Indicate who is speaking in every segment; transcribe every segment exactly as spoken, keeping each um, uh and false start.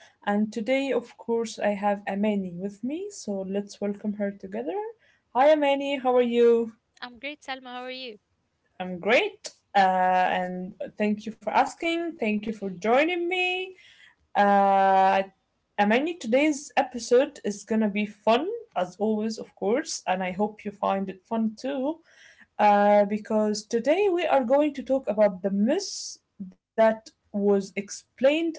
Speaker 1: and today, of course, I have Amani with me. So let's welcome her together. Hi, Amani. How are you?
Speaker 2: I'm great, Salma. How are you?
Speaker 1: I'm great, uh, and thank you for asking. Thank you for joining me. Uh, Amani, today's episode is gonna be fun, as always, of course, and I hope you find it fun too. Uh, because today we are going to talk about the myths that was explained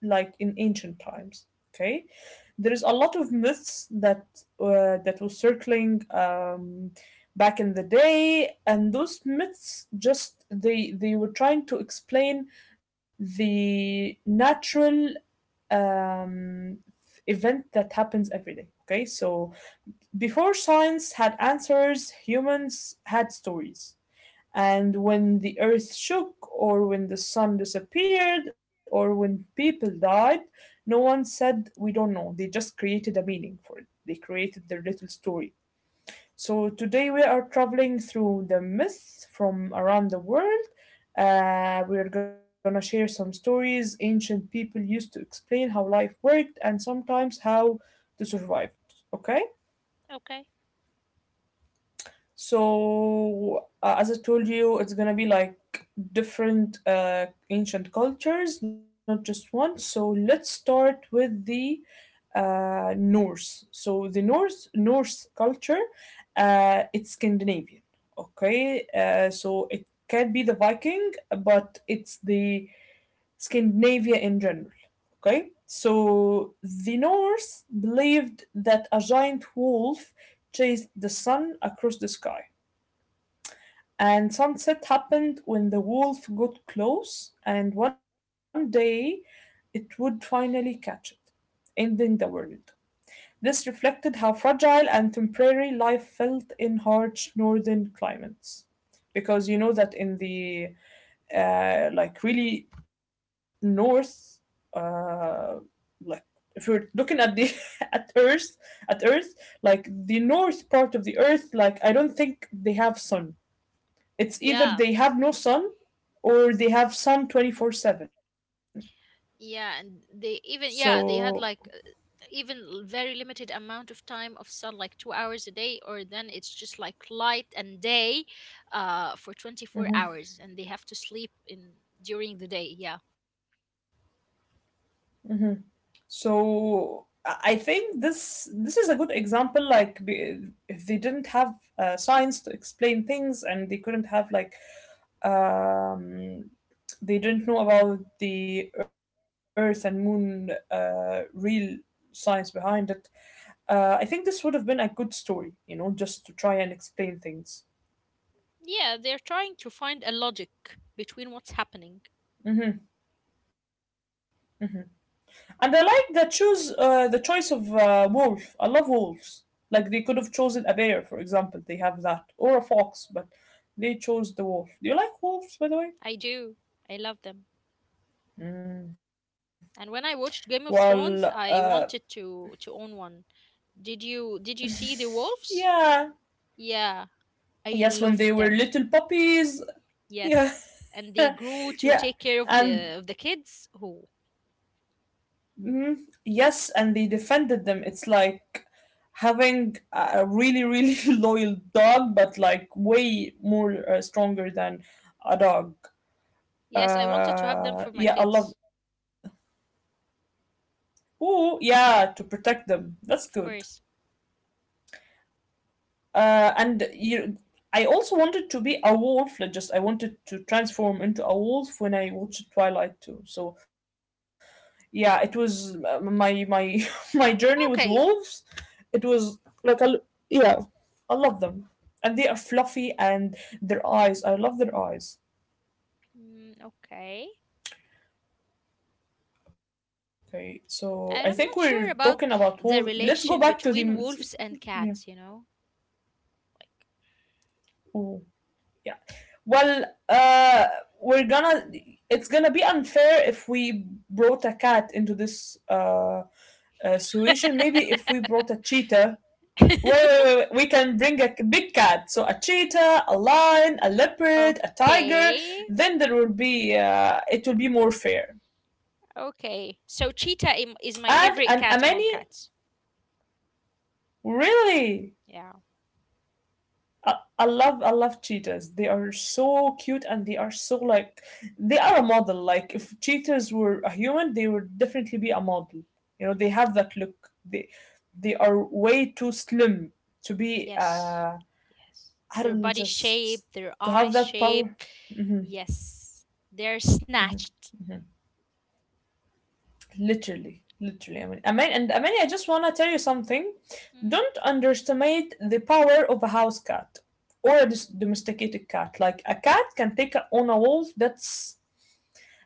Speaker 1: like in ancient times. Okay, there is a lot of myths that uh, that was circling um, back in the day, and those myths just they they were trying to explain the natural um, event that happens every day. Okay, so before science had answers, humans had stories. And when the earth shook, or when the sun disappeared, or when people died, no one said, "We don't know." They just created a meaning for it. They created their little story. So today we are traveling through the myths from around the world. Uh, we're gonna share some stories ancient people used to explain how life worked and sometimes how to survive. Okay?
Speaker 2: Okay.
Speaker 1: So, uh, as I told you, it's gonna be like different uh, ancient cultures, not just one. So, let's start with the uh, Norse. So, the Norse Norse culture, uh, it's Scandinavian. Okay, uh, so it can be the Viking, but it's the Scandinavia in general. Okay, so the Norse believed that a giant wolf chased the sun across the sky. And sunset happened when the wolf got close, and one day it would finally catch it, ending the world. This reflected how fragile and temporary life felt in harsh northern climates. Because you know that in the uh, like really north, uh, like if you're looking at the at Earth, at Earth, like the north part of the Earth, like I don't think they have sun. It's either
Speaker 2: Yeah,
Speaker 1: they have no sun or they have sun twenty four seven.
Speaker 2: yeah, and they even,
Speaker 1: So
Speaker 2: yeah, they had like uh, even l- very limited amount of time of sun, like two hours a day, or then it's just like light and day, uh, for twenty-four hours, and they have to sleep in during the day. Yeah.
Speaker 1: so I- think this this is a good example. Like if they didn't have uh, science to explain things and they couldn't have like um they didn't know about the earth and moon, uh, real science behind it, uh, I think this would have been a good story, you know, just to try and explain things.
Speaker 2: Yeah, they're trying to find a logic between what's happening.
Speaker 1: And I like the choose uh, the choice of uh, wolf. I love wolves. Like they could have chosen a bear, for example. They have that or a fox, but they chose the wolf. Do you like wolves,
Speaker 2: I
Speaker 1: by the way?
Speaker 2: do. I love them. And when I watched Game of
Speaker 1: Well,
Speaker 2: Thrones, I
Speaker 1: uh,
Speaker 2: wanted to to own one. Did you did you see the wolves?
Speaker 1: yeah,
Speaker 2: Yeah, I
Speaker 1: yes.
Speaker 2: love
Speaker 1: When they
Speaker 2: them.
Speaker 1: were little puppies, yeah,
Speaker 2: Yes, and they grew to
Speaker 1: yeah,
Speaker 2: take care of
Speaker 1: and
Speaker 2: the of the kids who.
Speaker 1: mm, yes, and they defended them. It's like having a a really really loyal dog, but like way more uh, stronger than a dog.
Speaker 2: Yes, I wanted to have them
Speaker 1: Uh,
Speaker 2: for my
Speaker 1: yeah, I love.
Speaker 2: kids,
Speaker 1: Ooh, yeah, to protect them. That's good.
Speaker 2: of course.
Speaker 1: Uh, and you, I also wanted to be a wolf. Like just I wanted to transform into a wolf when I watched Twilight too. So yeah, it was uh, my my my journey with wolves.
Speaker 2: Okay.
Speaker 1: It was like I, l- yeah, I love them, and they are fluffy and their eyes. I love their eyes.
Speaker 2: Mm, okay.
Speaker 1: Okay, so I think we're
Speaker 2: And I'm not
Speaker 1: talking
Speaker 2: sure
Speaker 1: about
Speaker 2: about
Speaker 1: wolves. Let's go
Speaker 2: the
Speaker 1: back to the
Speaker 2: relation between wolves
Speaker 1: yeah.
Speaker 2: and cats, you know.
Speaker 1: Yeah. Well, uh, we're gonna. It's gonna be unfair if we brought a cat into this uh, uh situation. Maybe if we brought a cheetah. Wait, wait, wait, we can bring a big cat. So a cheetah, a lion, a leopard, a tiger.
Speaker 2: Okay.
Speaker 1: Then there will be. Uh, it will be more fair.
Speaker 2: Okay. So cheetah im- is my
Speaker 1: And and
Speaker 2: favorite cat among
Speaker 1: Amani,
Speaker 2: cats.
Speaker 1: really,
Speaker 2: Yeah.
Speaker 1: I, I love I love cheetahs. They are so cute and they are so like they are a model. Like if cheetahs were a human, they would definitely be a model. You know, they have that look. They they are way too slim to be
Speaker 2: Yes.
Speaker 1: uh
Speaker 2: Yes.
Speaker 1: I
Speaker 2: Their
Speaker 1: don't know,
Speaker 2: body shape,
Speaker 1: just
Speaker 2: their
Speaker 1: to
Speaker 2: eye
Speaker 1: have that
Speaker 2: shape.
Speaker 1: power. Hmm.
Speaker 2: Yes. They're snatched.
Speaker 1: Literally. Literally, I mean, I mean, and I mean, I just want to tell you something. Don't
Speaker 2: Hmm.
Speaker 1: underestimate the power of a house cat or a dis- domesticated cat. Like a cat can take a, on a wolf. That's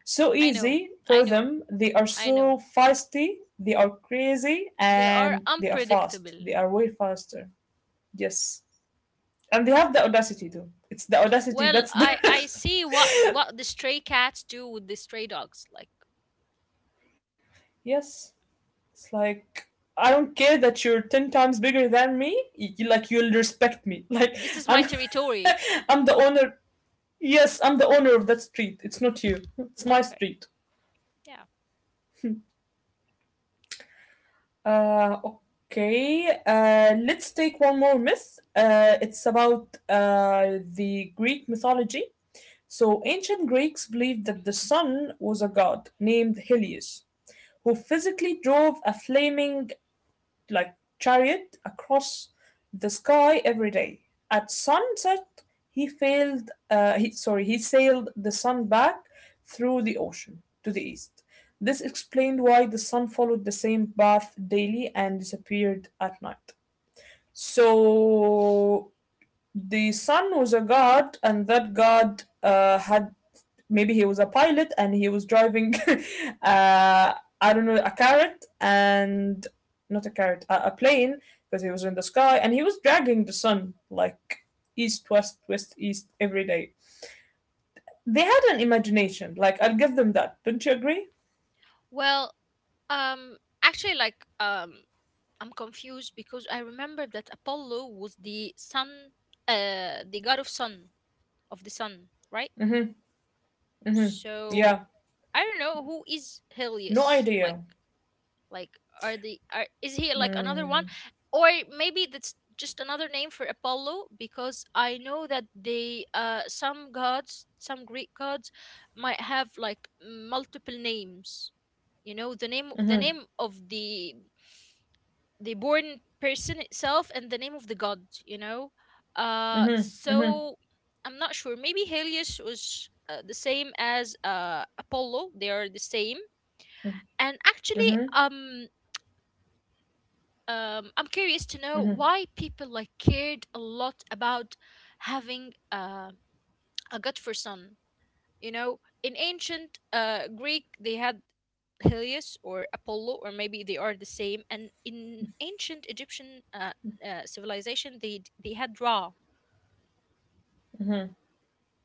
Speaker 1: so
Speaker 2: I know.
Speaker 1: easy
Speaker 2: I
Speaker 1: for
Speaker 2: know.
Speaker 1: them. They are
Speaker 2: I know.
Speaker 1: so feisty, they are crazy,
Speaker 2: They are
Speaker 1: and they are fast.
Speaker 2: unpredictable.
Speaker 1: They are way faster. Yes. And they have the audacity too. It's the audacity
Speaker 2: Well,
Speaker 1: that's the.
Speaker 2: I I see what what the stray cats do with the stray dogs. Like
Speaker 1: Yes. It's like, I don't care that you're ten times bigger than me. You, like, you'll respect me. Like,
Speaker 2: this is
Speaker 1: I'm.
Speaker 2: my territory.
Speaker 1: I'm the owner. Yes, I'm the owner of that street. It's not you. It's my
Speaker 2: Okay.
Speaker 1: street.
Speaker 2: Yeah.
Speaker 1: Uh, okay, uh, let's take one more myth. Uh, it's about uh, the Greek mythology. So, ancient Greeks believed that the sun was a god named Helios who physically drove a flaming like chariot across the sky every day. At sunset, he failed. Uh, he, sorry, he sailed the sun back through the ocean to the east. This explained why the sun followed the same path daily and disappeared at night. So the son was a guard and that guard uh, had maybe he was a pilot and he was driving uh, I don't know, a carrot and not a carrot a, a plane, because he was in the sky and he was dragging the sun like east west west east every day. They had an imagination, like I'll give them that. Don't you agree?
Speaker 2: Well, um actually, like, um I'm confused because I remember that Apollo was the sun, uh the god of sun, of the sun, right? So
Speaker 1: Yeah.
Speaker 2: I don't know who is
Speaker 1: No
Speaker 2: Helios. Like
Speaker 1: idea.
Speaker 2: Like, are the are is he like another
Speaker 1: Mm-hmm,
Speaker 2: one, or maybe that's just another name for Apollo? Because I know that they uh some gods, some Greek gods, might have like multiple names. You know, the name the name
Speaker 1: mm-hmm,
Speaker 2: of the the born person itself, and the name of the god. You know, uh,
Speaker 1: mm-hmm, mm-hmm,
Speaker 2: so I'm not sure. Maybe Helios was uh, the same as uh Apollo. They are the same. And actually,
Speaker 1: mm-hmm.
Speaker 2: um, um, I'm curious to know why people like cared a lot about having uh, a god for sun. You know, in ancient uh, Greek, they had Helios or Apollo, or maybe they are the same. And in ancient Egyptian uh, uh, civilization, they d- they had Ra.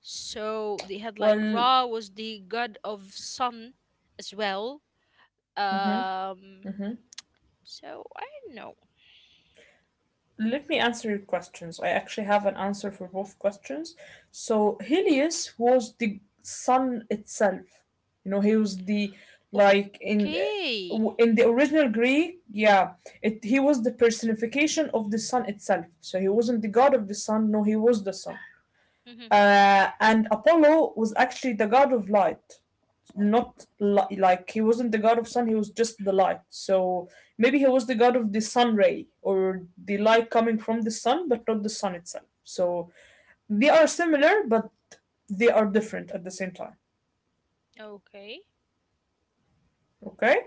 Speaker 2: So they had like
Speaker 1: Well,
Speaker 2: Ra was the god of sun as well. Um, so I don't know.
Speaker 1: let me answer your questions. I actually have an answer for both questions. So Helios was the sun itself. You know, he was the like in
Speaker 2: Okay.
Speaker 1: in the original Greek, yeah, it he was the personification of the sun itself. So he wasn't the god of the sun. No, he was the sun.
Speaker 2: Hmm.
Speaker 1: Uh, and Apollo was actually the god of light, not li- like he wasn't the god of sun, he was just the light. So maybe he was the god of the sun ray or the light coming from the sun, but not the sun itself. So they are similar, but they are different at the same time.
Speaker 2: Okay.
Speaker 1: Okay,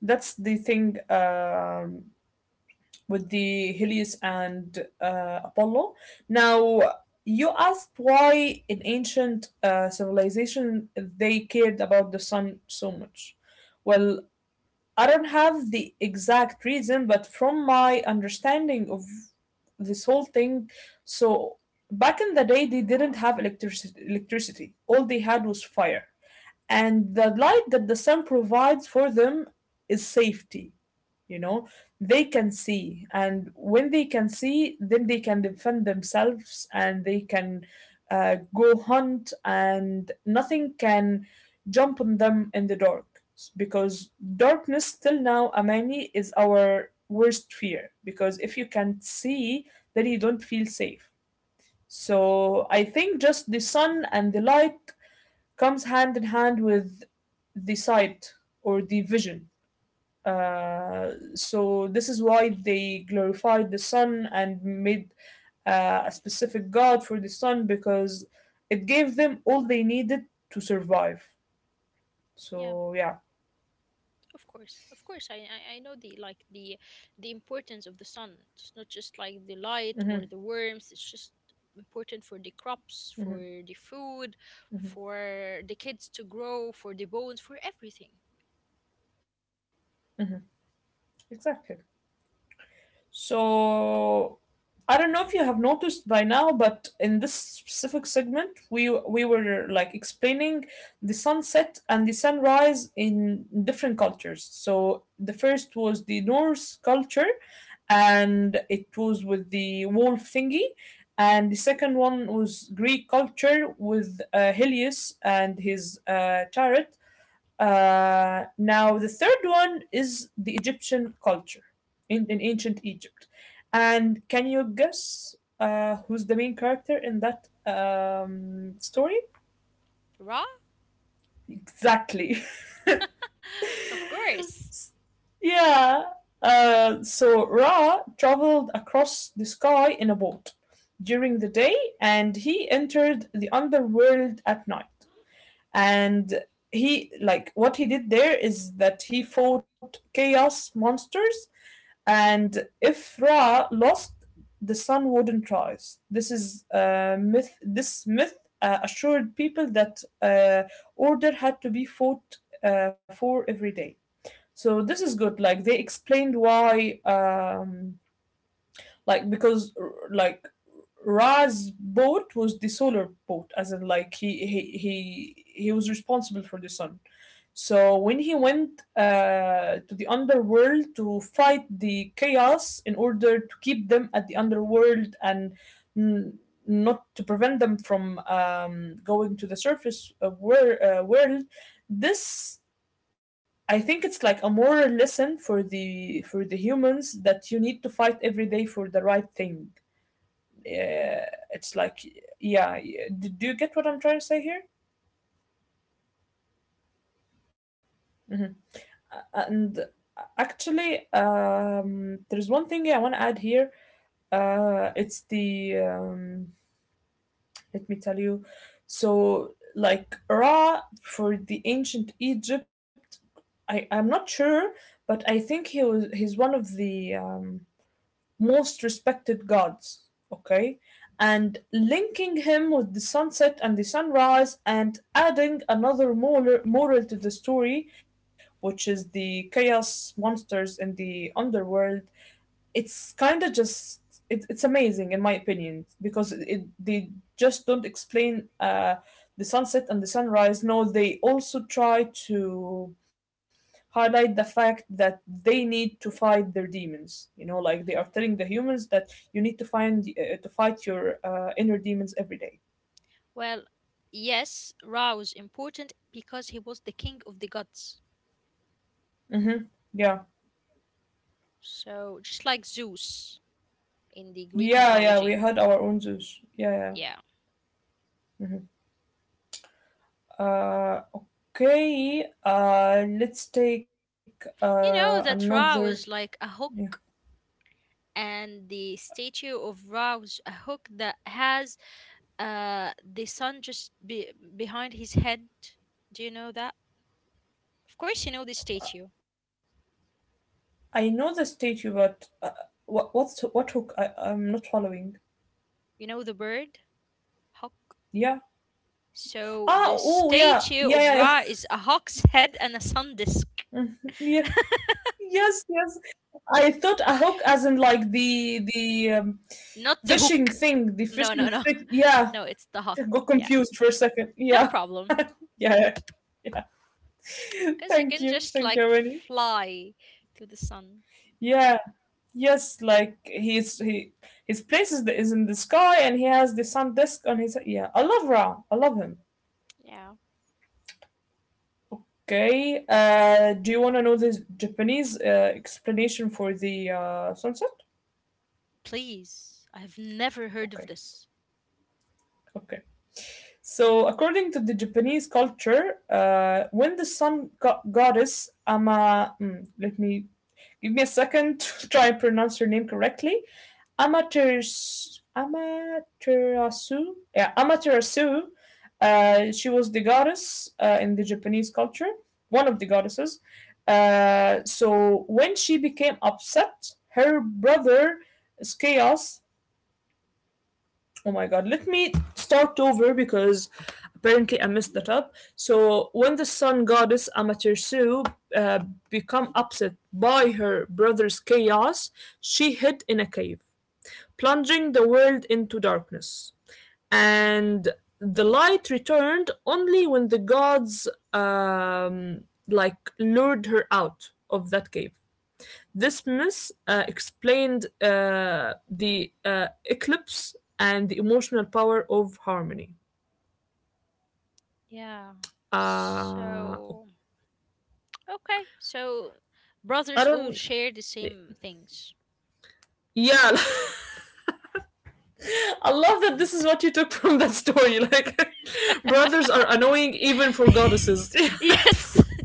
Speaker 1: that's the thing um, with the Helios and uh, Apollo. Now, you asked why in ancient uh, civilization they cared about the sun so much. Well, I don't have the exact reason, but from my understanding of this whole thing, so back in the day they didn't have electricity. Electricity, all they had was fire, and the light that the sun provides for them is safety. You know, they can see, and when they can see then they can defend themselves and they can uh, go hunt and nothing can jump on them in the dark. Because darkness till now, Amani, is our worst fear, because if you can't see then you don't feel safe. So I think just the sun and the light comes hand in hand with the sight or the vision. Uh, so this is why they glorified the sun and made uh, a specific god for the sun, because it gave them all they needed to survive.
Speaker 2: Yeah.
Speaker 1: So yeah.
Speaker 2: Of course, of course, I, I I know the like the the importance of the sun. It's not just like the light
Speaker 1: Hmm.
Speaker 2: or the worms. It's just important for the crops, for
Speaker 1: Hmm.
Speaker 2: the food,
Speaker 1: Hmm.
Speaker 2: for the kids to grow, for the bones, for everything.
Speaker 1: Hmm. Exactly. So I don't know if you have noticed by now, but in this specific segment, we we were like explaining the sunset and the sunrise in different cultures. So the first was the Norse culture, and it was with the wolf thingy, and the
Speaker 2: Hmm.
Speaker 1: second one was Greek culture with uh, Helios and his uh, chariot. Uh, now, the third one is the Egyptian culture in, in ancient Egypt. And can you guess uh, who's the main character in that um, story?
Speaker 2: Raw,
Speaker 1: Exactly.
Speaker 2: of course.
Speaker 1: Yeah. Uh, so Ra traveled across the sky in a boat during the day, and he entered the underworld at night. And he, like, what he did there is that he fought chaos monsters. And if Ra lost, the sun wouldn't rise. This is a myth. This myth uh, assured people that uh, order had to be fought uh, for every day. So this is good. Like they explained why, um, like because like Ra's boat was the solar boat, as in like he he he he was responsible for the sun. So when he went uh, to the underworld to fight the chaos in order to keep them at the underworld and n- not to prevent them from um, going to the surface of wor- uh, world, this I think it's like a moral lesson for the for the humans that you need to fight every day for the right thing. Uh, it's like Yeah, yeah. Do, do you get what I'm trying to say here? Mhm. And actually, um, there's one thing I want to add here. Uh, it's the um, Let me tell you. So, like Ra for the ancient Egypt, I I'm not sure, but I think he was he's one of the um, most respected gods, okay? And linking him with the sunset and the sunrise, and adding another moral, moral to the story, which is the chaos monsters in the underworld. It's kind of just. It, it's amazing in my opinion because it, it- they just don't explain uh, the sunset and the sunrise, no, they also try to highlight the fact that they need to fight their demons. You know, like they are telling the humans that you need to find uh, to fight your uh, inner demons every day.
Speaker 2: Well, yes, Ra was important because he was the king of the gods.
Speaker 1: Mm-hmm. Yeah,
Speaker 2: So just like Zeus in the Greek
Speaker 1: yeah, yeah. We
Speaker 2: mythology.
Speaker 1: had our own Zeus. Yeah,
Speaker 2: Yeah.
Speaker 1: yeah. Uh, okay. Uh, let's take
Speaker 2: You know
Speaker 1: uh
Speaker 2: that Ra
Speaker 1: another.
Speaker 2: was like a
Speaker 1: Yeah,
Speaker 2: hook, and the statue of Ra was a hook that has uh the sun just be- behind his head. Do you know that? Of course, you know the statue.
Speaker 1: I know the statue, but uh, what what's what hook? I I'm not following.
Speaker 2: You know the bird hawk.
Speaker 1: Yeah.
Speaker 2: So
Speaker 1: Ah.
Speaker 2: the
Speaker 1: Oh. Yeah.
Speaker 2: statue
Speaker 1: Yeah.
Speaker 2: of
Speaker 1: Yeah. Yeah.
Speaker 2: Ra is a hawk's head and a sun disk,
Speaker 1: Mm, yeah. Yes. Yes. I thought a hook as in like the the um,
Speaker 2: not the
Speaker 1: fishing
Speaker 2: hook.
Speaker 1: thing, the fishing
Speaker 2: No, no, no,
Speaker 1: stick. Yeah,
Speaker 2: no. It's the
Speaker 1: I
Speaker 2: hawk.
Speaker 1: got
Speaker 2: Yeah,
Speaker 1: confused for a second.
Speaker 2: no
Speaker 1: Yeah,
Speaker 2: problem,
Speaker 1: yeah, yeah.
Speaker 2: because you
Speaker 1: Thank
Speaker 2: can
Speaker 1: you,
Speaker 2: just
Speaker 1: thank
Speaker 2: like
Speaker 1: you, Winnie.
Speaker 2: fly to the sun.
Speaker 1: Yeah, yes, like he's he his place is, is in the sky and he has the sun disk on his, yeah. I love Ra. I love him.
Speaker 2: Yeah.
Speaker 1: Okay. Uh, do you want to know the Japanese uh, explanation for the uh, sunset?
Speaker 2: Please, I have never heard of
Speaker 1: Okay.
Speaker 2: this.
Speaker 1: Okay. So, according to the Japanese culture, uh, when the sun go- goddess Ama, mm, let me give me a second to try and pronounce her name correctly, Amaterasu, Amaterasu, yeah, Amaterasu. Uh, she was the goddess uh, in the Japanese culture, one of the goddesses. Uh, so when she became upset, her brother Skeos. Oh my god, let me start over because apparently I messed that up. So, when the sun goddess Amaterasu uh, become upset by her brother's chaos, she hid in a cave, plunging the world into darkness.
Speaker 2: Mm,
Speaker 1: And the light returned only when the gods um, like lured her out of that cave. This myth uh, explained uh, the uh, eclipse and the emotional power of harmony.
Speaker 2: yeah.
Speaker 1: Uh,
Speaker 2: So, okay. So,
Speaker 1: I
Speaker 2: brothers
Speaker 1: don't.
Speaker 2: all share the same things.
Speaker 1: Yeah, I love that this is what you took from that story. Like, brothers are annoying even for goddesses.
Speaker 2: Yes.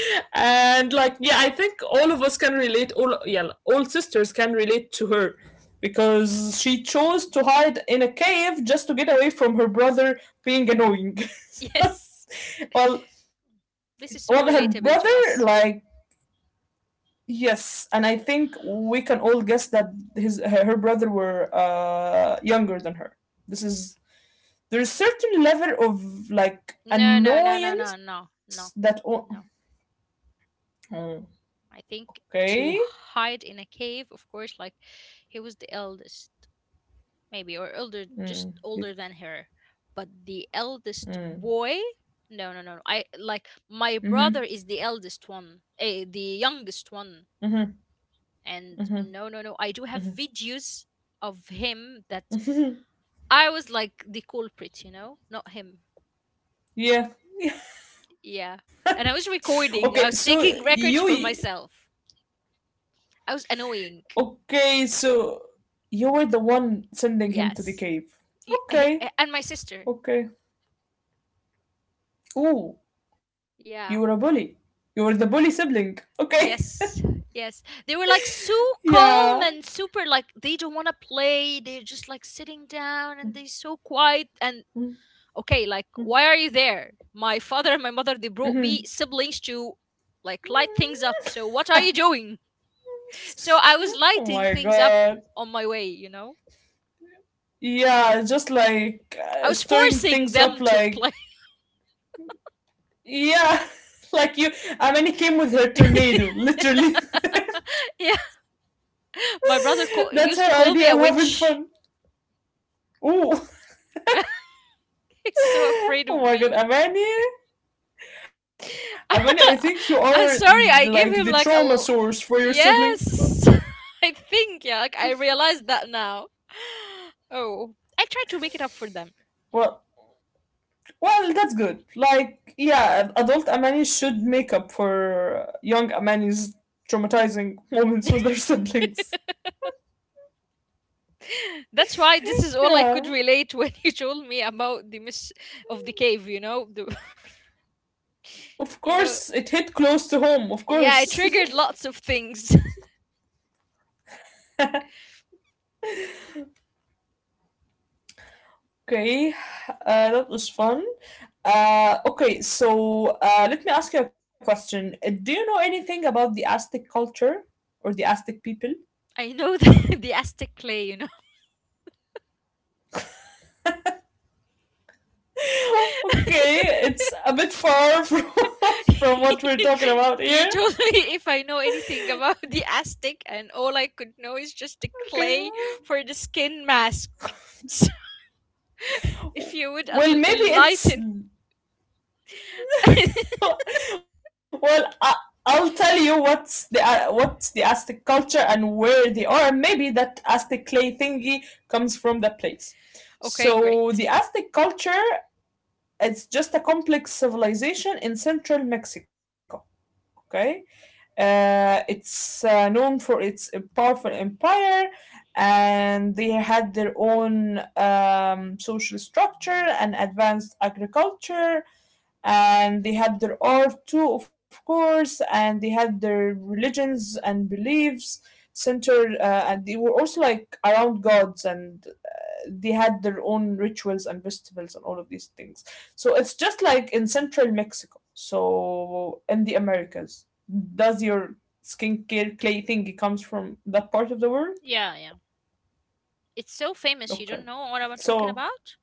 Speaker 1: And, like, yeah, I think all of us can relate, all, yeah, all sisters can relate to her because she chose to hide in a cave just to get away from her brother being annoying.
Speaker 2: Yes.
Speaker 1: So Well,
Speaker 2: This is so
Speaker 1: well, her
Speaker 2: relatable to
Speaker 1: brother,
Speaker 2: us.
Speaker 1: like, yes, and I think we can all guess that his her, her brother were uh, younger than her. This is there's certain level of like
Speaker 2: No, no, no, no, no,
Speaker 1: annoyance
Speaker 2: no,
Speaker 1: that o-
Speaker 2: no, no. I think
Speaker 1: okay.
Speaker 2: to hide in a cave, of course, like he was the eldest. Maybe, or older, just
Speaker 1: Mm.
Speaker 2: older than her, but the eldest boy. No, no, no, no. I, like,
Speaker 1: Mm-hmm.
Speaker 2: my brother is the eldest one, eh, the youngest one.
Speaker 1: Mm-hmm.
Speaker 2: And
Speaker 1: Mm-hmm.
Speaker 2: no, no, no, I do have videos of him that I was like the culprit, you know not him.
Speaker 1: Yeah. Yeah.
Speaker 2: Yeah. And I was
Speaker 1: Okay. So
Speaker 2: recording. I was taking
Speaker 1: you
Speaker 2: records for myself. I was annoying.
Speaker 1: Okay? So you were the one sending him to the
Speaker 2: Yes.
Speaker 1: cave.
Speaker 2: Y-
Speaker 1: Okay.
Speaker 2: and my sister.
Speaker 1: Okay. Oh, you
Speaker 2: Yeah.
Speaker 1: were a bully. You were the bully sibling. Okay.
Speaker 2: Yes, yes. They were like so calm
Speaker 1: Yeah.
Speaker 2: and super, like they don't want to play. They're just like sitting down, and they're so quiet, and okay, like why are you there? My father and my mother, they brought me
Speaker 1: Mhm.
Speaker 2: siblings to, like, light things up. So what are you doing? So I was
Speaker 1: Oh
Speaker 2: lighting
Speaker 1: my
Speaker 2: things up
Speaker 1: god.
Speaker 2: on my way, you know.
Speaker 1: Yeah, just like
Speaker 2: I
Speaker 1: uh,
Speaker 2: was
Speaker 1: stirring
Speaker 2: forcing
Speaker 1: things up,
Speaker 2: them to
Speaker 1: like,
Speaker 2: play.
Speaker 1: yeah, like you. I mean, he came with her tornado, literally.
Speaker 2: Yeah, my brother call-
Speaker 1: That's
Speaker 2: used
Speaker 1: her
Speaker 2: to call me
Speaker 1: idea
Speaker 2: a
Speaker 1: of having
Speaker 2: witch.
Speaker 1: fun. Oh,
Speaker 2: He's so afraid
Speaker 1: oh
Speaker 2: of
Speaker 1: my god,
Speaker 2: me.
Speaker 1: Amani? Amani, I think you are
Speaker 2: I'm
Speaker 1: like
Speaker 2: sorry,
Speaker 1: the
Speaker 2: I gave
Speaker 1: trauma
Speaker 2: him like a.
Speaker 1: source for
Speaker 2: l-
Speaker 1: your siblings.
Speaker 2: Yes, I think, yeah, like I realized that now. Oh, I tried to make it up for them.
Speaker 1: What? Well, that's good. Like, yeah, adult Amani should make up for young Amani's traumatizing moments with their siblings.
Speaker 2: That's why this is all I
Speaker 1: Yeah.
Speaker 2: could relate when you told me about the miss of the cave, you know? The,
Speaker 1: Of
Speaker 2: you know,
Speaker 1: course, it hit close to home, of
Speaker 2: yeah, it
Speaker 1: course.
Speaker 2: triggered lots of things.
Speaker 1: Okay, uh, that was fun. Uh, okay, so uh, let me ask you a question. Uh, Do you know anything about the Aztec culture or the Aztec people?
Speaker 2: I know the, the Aztec clay, you know?
Speaker 1: Okay, it's a bit far from, from what we're talking about
Speaker 2: You
Speaker 1: here.
Speaker 2: told me if I know anything about the Aztec, and all I could know is just the
Speaker 1: Okay.
Speaker 2: clay for the skin mask. So, if you would
Speaker 1: well
Speaker 2: en-
Speaker 1: maybe it's
Speaker 2: enlighten.
Speaker 1: well, I, I'll tell you what's the uh, what's the Aztec culture and where they are, maybe that Aztec clay thingy comes from that place.
Speaker 2: Okay,
Speaker 1: So
Speaker 2: great.
Speaker 1: the Aztec culture is just a complex civilization in central Mexico. Okay. Uh, it's uh, known for its powerful empire, and they had their own um, social structure and advanced agriculture, and they had their art too, of course, and they had their religions and beliefs centered, uh, and they were also like around gods, and they had their own rituals and festivals and all of these things. So it's just like in central Mexico, so in the Americas. Does your skincare clay thingy comes from that part of the world?
Speaker 2: Yeah, yeah. It's so famous. You
Speaker 1: Okay,
Speaker 2: don't know what I'm talking
Speaker 1: so
Speaker 2: about?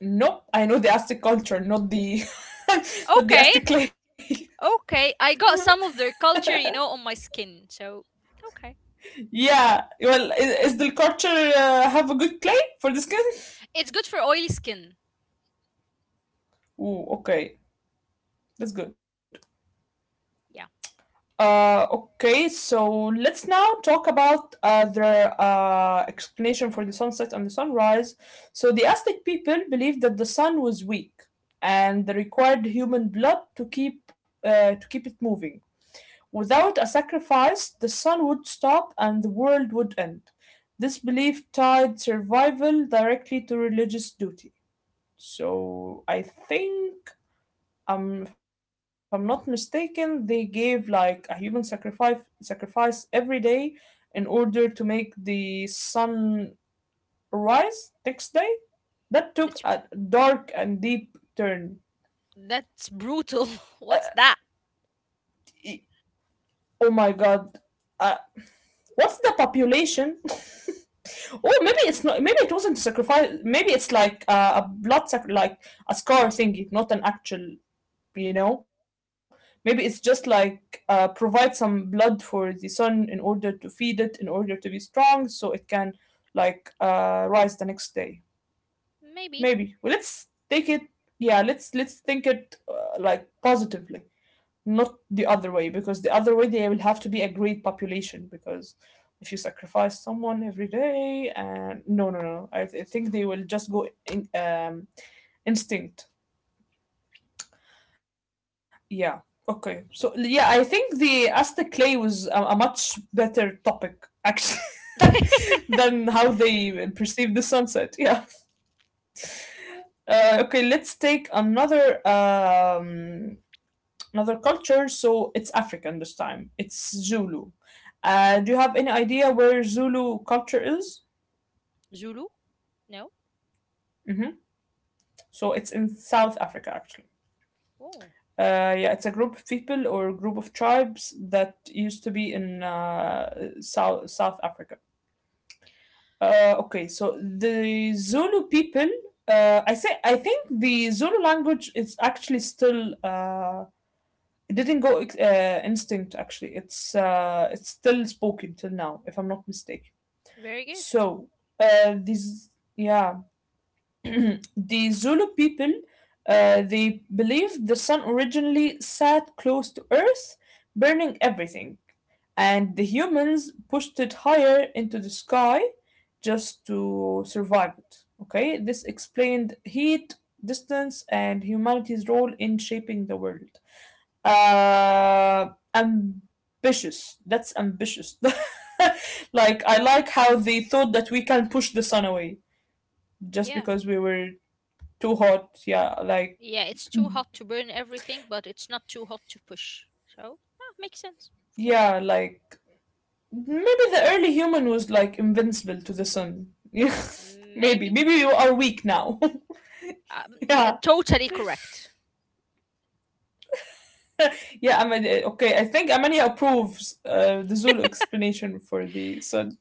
Speaker 1: no, I know the Aztec culture, not the not the
Speaker 2: Okay,
Speaker 1: Aztec clay.
Speaker 2: okay. I got some of their culture, you know, on my skin. So, okay.
Speaker 1: Yeah, well, is, is the culture uh, have a good clay for the skin?
Speaker 2: It's good for oily skin.
Speaker 1: Ooh, okay, that's good.
Speaker 2: Yeah,
Speaker 1: Uh, okay, so let's now talk about uh, their uh, explanation for the sunset and the sunrise. So the Aztec people believed that the sun was weak, and they required human blood to keep uh, to keep it moving. Without a sacrifice, the sun would stop and the world would end. This belief tied survival directly to religious duty. So I think, um, if I'm not mistaken, they gave like a human sacrifice sacrifice every day in order to make the sun rise next day. That
Speaker 2: that's
Speaker 1: took a dark and deep turn.
Speaker 2: that's brutal. What's
Speaker 1: Uh,
Speaker 2: that?
Speaker 1: e- oh my god. Uh, what's the population? Oh, maybe it's not. Maybe it wasn't a sacrifice. Maybe it's like uh, a blood sac- like a scar thingy, not an actual, you know, maybe it's just like uh, provide some blood for the sun in order to feed it in order to be strong so it can like uh, rise the next day.
Speaker 2: Maybe.
Speaker 1: maybe well, let's take it, yeah, let's let's think it uh, like positively, not the other way because the other way they will have to be a great population because if you sacrifice someone every day and no no no I, th- I think they will just go in, um, instinct. Yeah. Okay. So yeah, I think the Aztec clay was a, a much better topic actually, than how they perceive the sunset. Yeah. Uh, okay. Let's take another um, another culture. So it's African this time. It's Zulu. Uh, do you have any idea where Zulu culture is?
Speaker 2: Zulu? No?
Speaker 1: Mm-hmm. So it's in South Africa actually.
Speaker 2: Oh,
Speaker 1: Uh, yeah, it's a group of people or group of tribes that used to be in uh, South South Africa. Uh, okay, so the Zulu people, uh, I say, I think the Zulu language is actually still. Uh, it didn't go ex- uh, extinct. Actually, it's uh, it's still spoken till now, if I'm not mistaken.
Speaker 2: very good.
Speaker 1: So uh, these, yeah, the Zulu people, uh, they believed the sun originally sat close to Earth, burning everything, and the humans pushed it higher into the sky just to survive it. Okay, this explained heat, distance, and humanity's role in shaping the world. Uh, ambitious. That's ambitious. Like, I like how they thought that we can push the sun away just
Speaker 2: Yeah.
Speaker 1: because we were too hot. Yeah, like,
Speaker 2: Yeah, it's too hot to burn everything, but it's not too hot to push. So, ah, makes sense, of course.
Speaker 1: yeah, like maybe the early human was like invincible to the sun. Yeah, maybe.
Speaker 2: Maybe.
Speaker 1: Maybe you are weak now.
Speaker 2: Um, yeah,
Speaker 1: Yeah,
Speaker 2: totally correct.
Speaker 1: yeah. I mean, eh, okay. I think Amania approves uh, the Zulu explanation for the sun.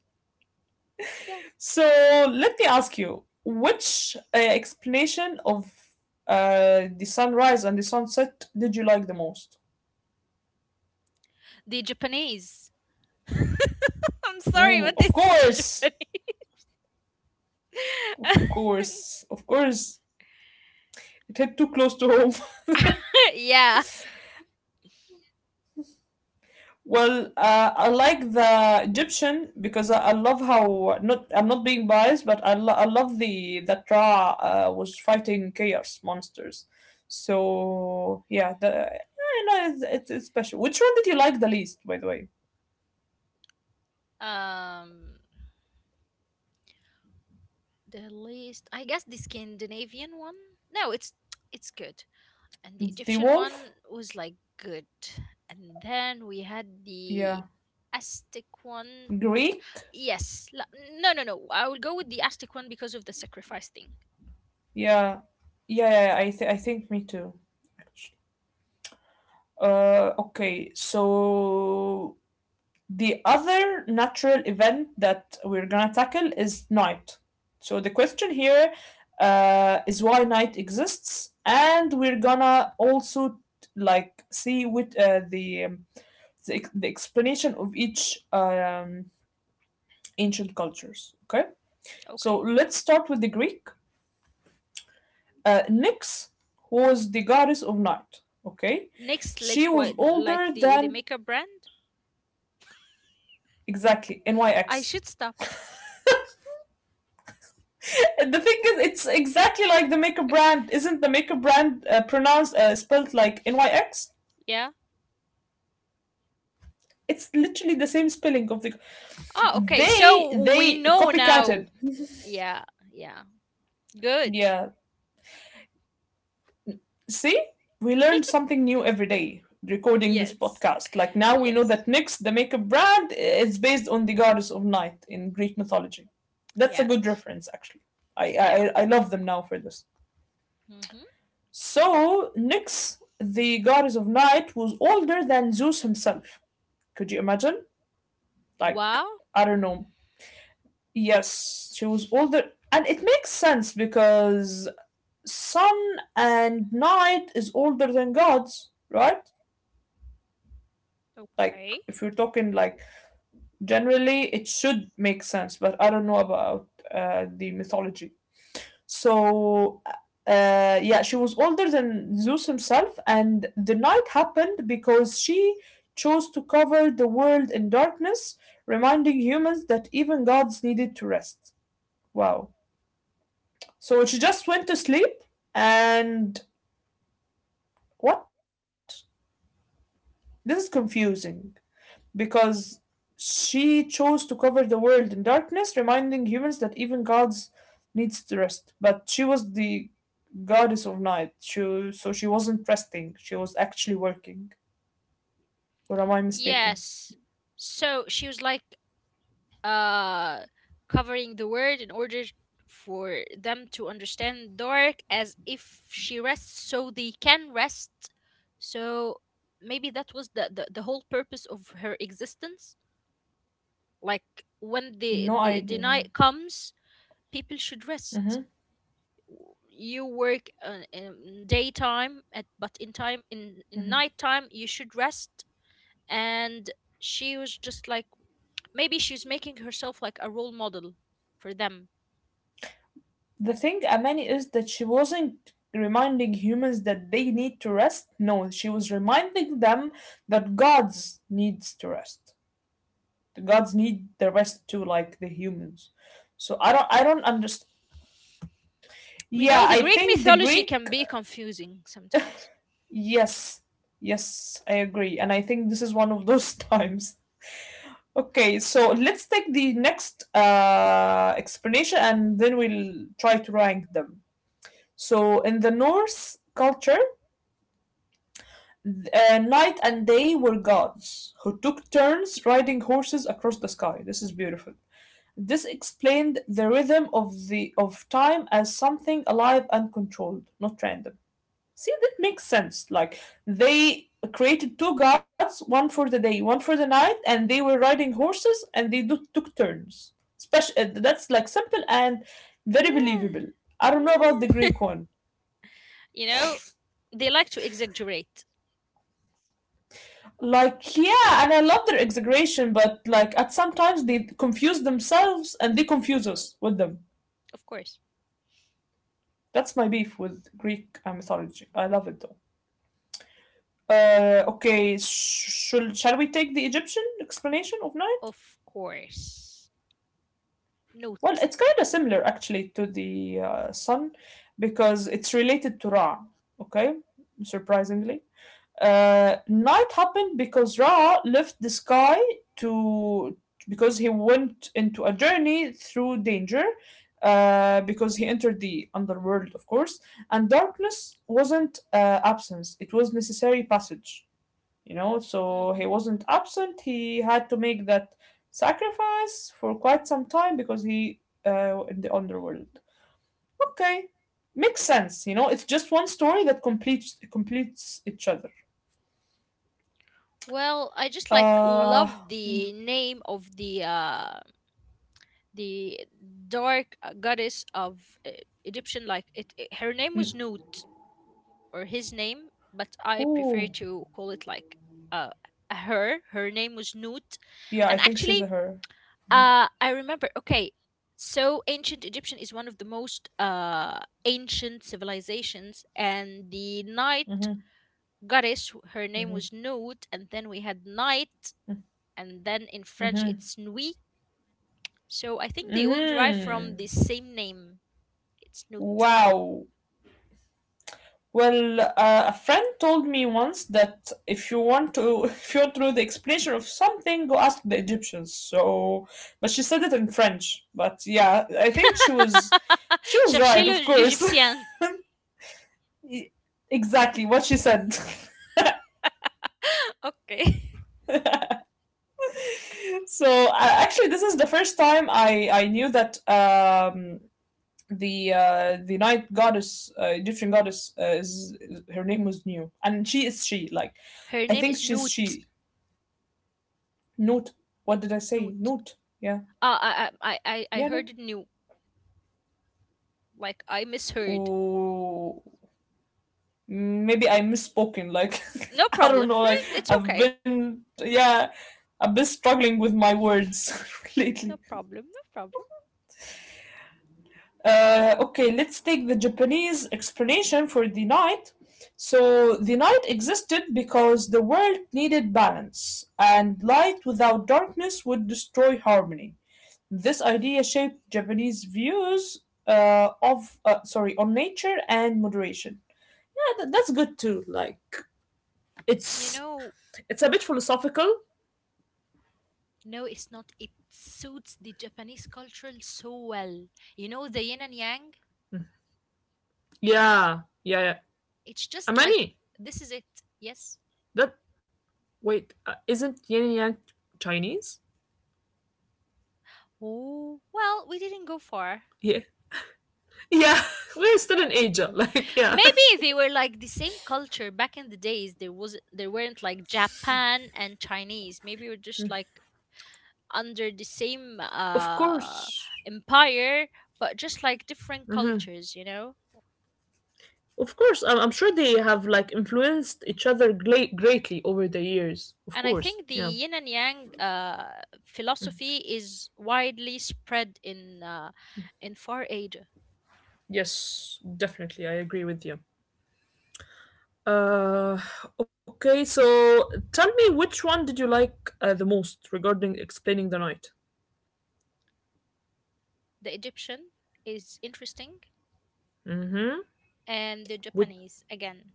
Speaker 2: Yeah.
Speaker 1: So let me ask you, which uh, explanation of uh, the sunrise and the sunset did you like the most?
Speaker 2: The Japanese. I'm sorry,
Speaker 1: Ooh,
Speaker 2: but
Speaker 1: of
Speaker 2: it's the
Speaker 1: course, of
Speaker 2: Japanese.
Speaker 1: course, of course. It hit too close to home.
Speaker 2: Yeah.
Speaker 1: Well, uh, I like the Egyptian because I, I love how not I'm not being biased, but I, lo- I love the that Ra uh, was fighting chaos monsters. So yeah, the I know it's, it's, it's special. Which one did you like the least, by the way?
Speaker 2: Um, the least, I guess the Scandinavian one. No, it's it's good. And the
Speaker 1: The
Speaker 2: Egyptian
Speaker 1: Wolf?
Speaker 2: one was like good. And then we had the
Speaker 1: Yeah.
Speaker 2: Aztec one.
Speaker 1: Greek?
Speaker 2: Yes. la- No, no, no. I will go with the Aztec one because of the sacrifice thing.
Speaker 1: Yeah. Yeah, yeah, I th- I think me too. Uh, okay, so the other natural event that we're gonna tackle is night. So the question here uh, is why night exists, and we're gonna also like see with uh, the, um, the the explanation of each um, ancient cultures. Okay, so
Speaker 2: Okay.
Speaker 1: let's start with the Greek. Uh, Nyx was the goddess of night. Okay,
Speaker 2: Next,
Speaker 1: she
Speaker 2: like
Speaker 1: was
Speaker 2: what,
Speaker 1: older
Speaker 2: like the the
Speaker 1: than
Speaker 2: makeup brand.
Speaker 1: exactly,
Speaker 2: I
Speaker 1: N Y X.
Speaker 2: should stop.
Speaker 1: The thing is, it's exactly like the maker brand. Isn't the maker brand uh, pronounced uh, spelled like N Y X?
Speaker 2: Yeah.
Speaker 1: It's literally the same spelling of the.
Speaker 2: Oh, okay.
Speaker 1: They
Speaker 2: So we
Speaker 1: they
Speaker 2: know now.
Speaker 1: copycatted.
Speaker 2: Yeah. Yeah. Good.
Speaker 1: Yeah. See, we learned something new every day recording this
Speaker 2: Yes.
Speaker 1: podcast. Like now we know
Speaker 2: Yes.
Speaker 1: that Nyx, the maker brand, is based on the goddess of night in Greek mythology. That's a good
Speaker 2: Yes.
Speaker 1: reference, actually. I
Speaker 2: Yeah.
Speaker 1: I, I love them now for this.
Speaker 2: Mhm.
Speaker 1: So Nyx, the goddess of night, was older than Zeus himself. Could you imagine? Like,
Speaker 2: Wow.
Speaker 1: I don't know. Yes, she was older. And it makes sense because sun and night is older than gods, right? Like,
Speaker 2: Okay.
Speaker 1: if you're talking like generally, it should make sense, but I don't know about uh, the mythology. So, uh, yeah, she was older than Zeus himself, and the night happened because she chose to cover the world in darkness, reminding humans that even gods needed to rest. Wow. So she just went to sleep, and what? This is confusing because she chose to cover the world in darkness, reminding humans that even gods needs to rest. But she was the goddess of night. She, so she wasn't resting, she was actually working. Or am I mistaken?
Speaker 2: Yes. So she was like uh covering the word in order for them to understand dark, as if she rests so they can rest. So maybe that was the the, the whole purpose of her existence, like when the,
Speaker 1: No
Speaker 2: the the
Speaker 1: idea.
Speaker 2: night comes people should rest.
Speaker 1: hmm
Speaker 2: You work uh, in daytime, at, but in time in, in nighttime you should rest, and she was just like, maybe she's making herself like a role model for them.
Speaker 1: The thing, Amani, is that she wasn't reminding humans that they need to rest. No, she was reminding them that gods needs to rest. The gods need the rest too, like the humans. So I don't, I don't understand.
Speaker 2: You
Speaker 1: Yeah,
Speaker 2: know, the
Speaker 1: I
Speaker 2: Greek
Speaker 1: think the
Speaker 2: mythology
Speaker 1: Greek.
Speaker 2: can be confusing sometimes.
Speaker 1: Yes, yes, I agree, and I think this is one of those times. Okay, so let's take the next uh, explanation and then we'll try to rank them. So, in the Norse culture, th- uh, night and day were gods who took turns riding horses across the sky. This is beautiful. This explained the rhythm of the of time as something alive and controlled, not random. See, that makes sense. Like they created two gods, one for the day, one for the night, and they were riding horses, and they do, took turns. Special. That's like simple and very
Speaker 2: Yeah,
Speaker 1: believable. I don't know about the
Speaker 2: yeah.
Speaker 1: Greek one.
Speaker 2: You know, they like to exaggerate,
Speaker 1: Like yeah, and I love their exaggeration, but like at sometimes they confuse themselves and they confuse us with them.
Speaker 2: of course.
Speaker 1: That's my beef with Greek uh, mythology. I love it though. Uh, okay, sh- shall shall we take the Egyptian explanation of night?
Speaker 2: Of course.
Speaker 1: Well,
Speaker 2: Note.
Speaker 1: it's kind of similar actually to the uh, sun because it's related to Ra, okay? Surprisingly. Uh, night happened because Ra left the sky to because he went into a journey through danger uh, because he entered the underworld, of course, and darkness wasn't uh, absence, it was necessary passage, you know, so he
Speaker 2: hmm
Speaker 1: wasn't absent. He had to make that sacrifice for quite some time because he uh, in the underworld. Okay, makes sense, you know. It's just one story that completes completes each other.
Speaker 2: Well, I just like
Speaker 1: uh
Speaker 2: love
Speaker 1: yeah.
Speaker 2: the name of the uh, the dark uh, goddess of uh, Egyptian. Like it, it- her name was Nut, or his name, but I prefer
Speaker 1: Oh,
Speaker 2: to call it like uh her. Her name was Nut,
Speaker 1: yeah,
Speaker 2: and
Speaker 1: I think she's
Speaker 2: actually
Speaker 1: a her.
Speaker 2: Uh, I remember. Okay, so ancient Egyptian is one of the most uh, ancient civilizations, and the night
Speaker 1: Mm-hmm,
Speaker 2: goddess, her name
Speaker 1: mm-hmm,
Speaker 2: was Nut, and then we had night, and then in French
Speaker 1: mm-hmm,
Speaker 2: it's Nuit. So I think they all derive from the
Speaker 1: mm-hmm.
Speaker 2: same name. It's Nut.
Speaker 1: Wow. Well, uh, a friend told me once that if you want to, if you want to know the explanation of something, go ask the Egyptians. So, but she said it in French. But yeah, I think she was, she was
Speaker 2: Cherchez
Speaker 1: right, of
Speaker 2: le-
Speaker 1: course.
Speaker 2: l'Égyptien.
Speaker 1: Exactly what she said.
Speaker 2: Okay.
Speaker 1: So uh, actually, this is the first time I I knew that um, the uh, the night goddess, uh, Egyptian goddess, uh, is, is- her name was New, and she is she like.
Speaker 2: Her
Speaker 1: I
Speaker 2: name
Speaker 1: think
Speaker 2: is
Speaker 1: she's
Speaker 2: Nut.
Speaker 1: she. Note. What did I say?
Speaker 2: Nut.
Speaker 1: Note. Yeah.
Speaker 2: Uh, I, I, I, I I
Speaker 1: Yeah,
Speaker 2: heard
Speaker 1: note.
Speaker 2: it new. Like, I misheard.
Speaker 1: Ooh. Mm, maybe I misspoken. Like,
Speaker 2: No
Speaker 1: I don't
Speaker 2: problem.
Speaker 1: know. Like,
Speaker 2: It's
Speaker 1: I've
Speaker 2: okay.
Speaker 1: been, yeah, I've been struggling with my words lately.
Speaker 2: No problem, no problem.
Speaker 1: Uh, okay, let's take the Japanese explanation for the night. So, the night existed because the world needed balance, and light without darkness would destroy harmony. This idea shaped Japanese views uh, of uh, sorry, on nature and moderation. Yeah, th- that's good too. Like
Speaker 2: You
Speaker 1: It's
Speaker 2: know,
Speaker 1: it's a bit philosophical.
Speaker 2: no, it's not. It suits the Japanese culture so well. You know, the yin and yang,
Speaker 1: Yeah, yeah, yeah.
Speaker 2: it's just like,
Speaker 1: Amani,
Speaker 2: this is it. Yes.
Speaker 1: that wait, uh, isn't yin and yang Chinese?
Speaker 2: Oh, well, we didn't go far.
Speaker 1: Yeah, yeah. We're still in Asia. Like, yeah,
Speaker 2: Maybe they were like the same culture back in the days. There was there weren't like Japan and Chinese. Maybe we're just like under the same
Speaker 1: of
Speaker 2: uh
Speaker 1: course.
Speaker 2: empire, but just like different
Speaker 1: Mhm.
Speaker 2: cultures, you know?
Speaker 1: Of course, I'm, I'm sure they have like influenced each other gla- greatly over the years. Of
Speaker 2: And I
Speaker 1: course,
Speaker 2: think the
Speaker 1: yeah.
Speaker 2: yin and yang uh, philosophy is widely spread in uh, in Far Asia.
Speaker 1: Yes, definitely, I agree with you. Uh, okay, so tell me which one did you like uh, the most regarding explaining the night?
Speaker 2: The Egyptian is interesting, and the
Speaker 1: Which,
Speaker 2: Japanese again.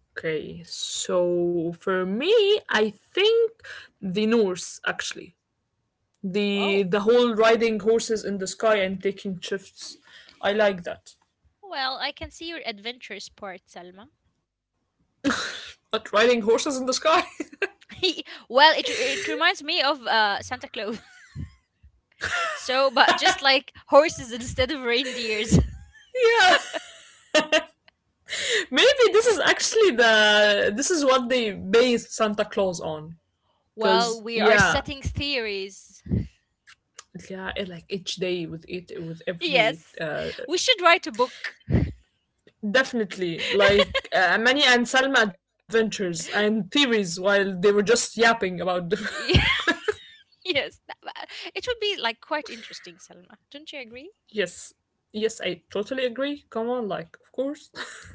Speaker 1: okay, so for me, I think the Norse actually. The
Speaker 2: Wow.
Speaker 1: the whole riding horses in the sky and taking shifts. I like that.
Speaker 2: Well, I can see your adventures part, Salma.
Speaker 1: But riding horses in the sky?
Speaker 2: Well, it, it reminds me of uh, Santa Claus. So, but just like horses instead of reindeers.
Speaker 1: Yeah. Maybe this is actually the this is what they based Santa Claus on.
Speaker 2: Well,
Speaker 1: Cause
Speaker 2: we are
Speaker 1: yeah,
Speaker 2: setting theories.
Speaker 1: yeah, it, like each day with it with every
Speaker 2: Yes.
Speaker 1: uh,
Speaker 2: We should write a book.
Speaker 1: definitely, like uh, Manny and Salma adventures and theories while they were just yapping about. Diff-
Speaker 2: Yes, that- that- it would be like quite interesting, Selma. Don't you agree?
Speaker 1: yes, yes, I totally agree. Come on, like, of course.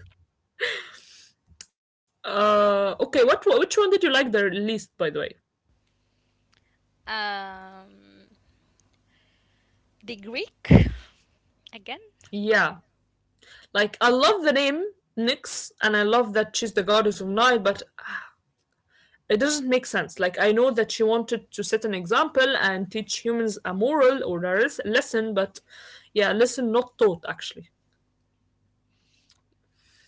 Speaker 1: uh, Okay, what which one did you like the least, by the way?
Speaker 2: Um, the Greek again?
Speaker 1: Yeah, like I love the name Nyx, and I love that she's the goddess of night, but it doesn't make sense. Like I know that she wanted to set an example and teach humans a moral or a res- lesson, but yeah, lesson not taught actually.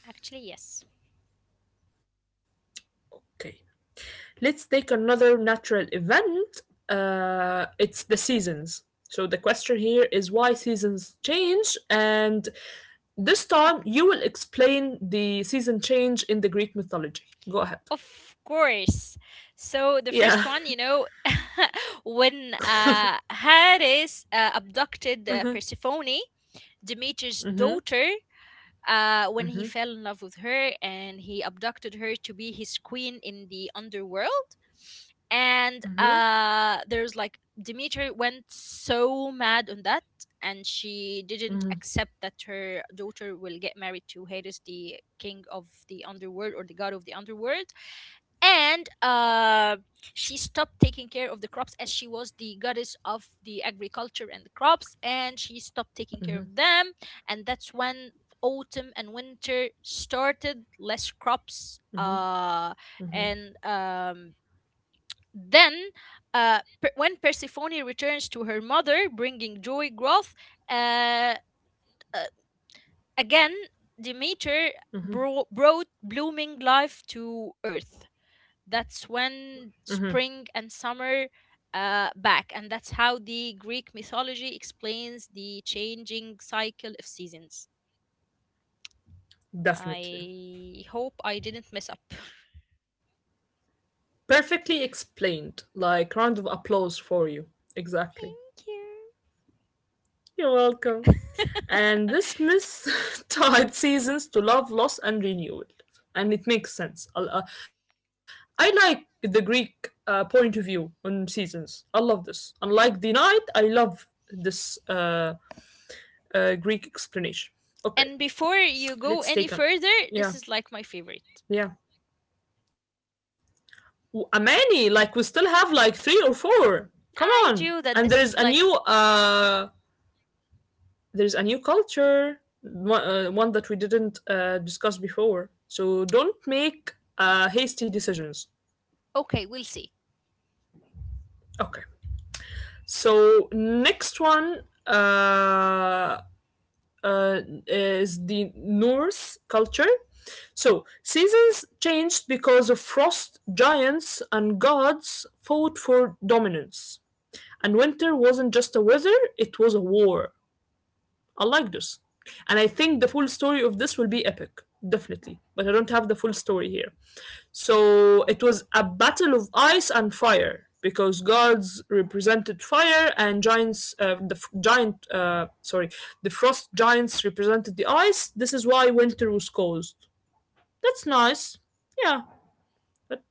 Speaker 2: Actually, yes.
Speaker 1: Okay. Let's take another natural event. Uh, it's the seasons. So the question here is why seasons change, and this time you will explain the season change in the Greek mythology. Go ahead.
Speaker 2: Of course. So the first
Speaker 1: Yeah.
Speaker 2: one, you know, when uh, Hades uh, abducted uh,
Speaker 1: Mhm.
Speaker 2: Persephone, Demeter's
Speaker 1: Mhm.
Speaker 2: daughter, uh, when he
Speaker 1: Mhm.
Speaker 2: fell in love with her and he abducted her to be his queen in the underworld. And uh, there's like Demeter went so mad on that, and she didn't accept that her daughter will get married to Hades, the king of the underworld or the god of the underworld and uh, She stopped taking care of the crops as she was the goddess of the agriculture and the crops and she stopped taking care of them and that's when autumn and winter started less crops uh, and um, then uh, per- when persephone returns to her mother bringing joy growth uh, uh, again demeter bro- brought blooming life to earth that's when spring and summer uh, back and that's how the Greek mythology explains the changing cycle of seasons.
Speaker 1: Definitely.
Speaker 2: I hope I didn't mess up.
Speaker 1: Perfectly explained. Like round of applause for you. Exactly.
Speaker 2: Thank you.
Speaker 1: You're welcome. And this myth tied seasons to love, loss, and renewal. And it makes sense. I, uh, I like the Greek uh, point of view on seasons. I love this. Unlike the night, I love this uh, uh, Greek explanation.
Speaker 2: And
Speaker 1: Okay,
Speaker 2: before you go any
Speaker 1: let's
Speaker 2: further,
Speaker 1: take on.
Speaker 2: this is like my
Speaker 1: Yeah,
Speaker 2: favorite.
Speaker 1: yeah. W- A many, like, we still have like three or four. Come
Speaker 2: I
Speaker 1: on.
Speaker 2: do that,
Speaker 1: And there
Speaker 2: this
Speaker 1: is
Speaker 2: is
Speaker 1: a
Speaker 2: like
Speaker 1: new uh, there's a new culture, one, uh, one that we didn't uh, discuss before. So don't make uh, hasty decisions.
Speaker 2: okay, we'll see.
Speaker 1: Okay. So next one uh, uh, is the Norse culture. So seasons changed because of frost. Giants and gods fought for dominance, and winter wasn't just a weather; it was a war. I like this. And I think the full story of this will be epic, definitely. But I don't have the full story here. So it was a battle of ice and fire because gods represented fire and giants, uh, the f- giant, uh, sorry, the frost giants represented the ice. This is why winter was caused. That's nice. Yeah. But,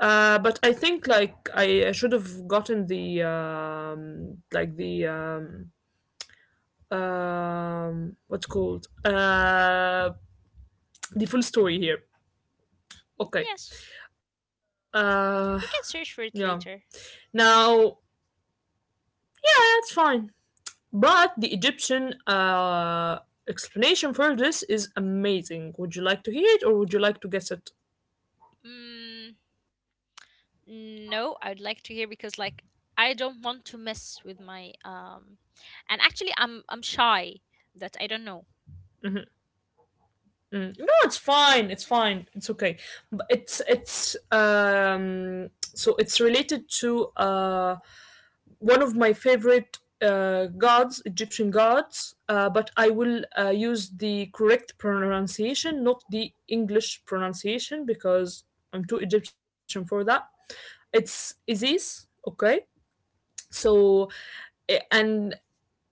Speaker 1: uh, but I think like I, I should have gotten the um, like the um, um what's called uh the full story here. Okay.
Speaker 2: Yes,
Speaker 1: uh
Speaker 2: we can
Speaker 1: yeah.
Speaker 2: search for it later.
Speaker 1: Now that's fine. But the Egyptian uh explanation for this is amazing. Would you like to hear it or would you like to guess it?
Speaker 2: mm, No, I'd like to hear because like I don't want to mess with my um and actually I'm I'm shy that I don't know.
Speaker 1: Mhm, mm. No, it's fine, it's fine, it's okay. But it's it's um so it's related to uh one of my favorite uh, gods, Egyptian gods, uh, but I will uh, use the correct pronunciation, not the English pronunciation, because I'm too Egyptian for that. It's Isis, okay? So, eh, and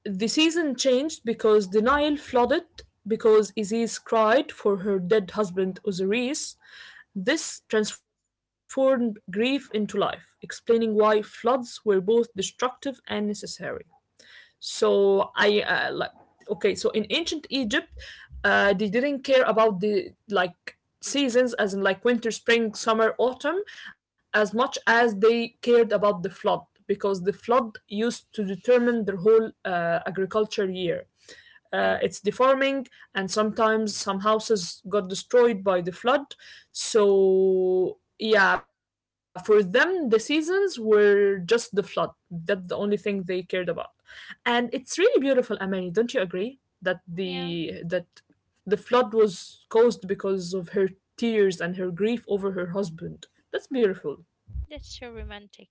Speaker 1: the season changed because the Nile flooded because Isis cried for her dead husband Osiris. This transformed grief into life, explaining why floods were both destructive and necessary. So I uh, like okay. So in ancient Egypt, uh, they didn't care about the like seasons, as in like winter, spring, summer, autumn, as much as they cared about the flood because the flood used to determine their whole uh, agriculture year.
Speaker 2: Yeah.
Speaker 1: Uh, it's deforming, and sometimes some houses got destroyed by the flood. So yeah, for them the seasons were just the flood. That's the only thing they cared about. And it's really beautiful, Amani. Don't you agree that the
Speaker 2: Yeah,
Speaker 1: that the flood was caused because of her tears and her grief over her husband? That's beautiful.
Speaker 2: that's so romantic.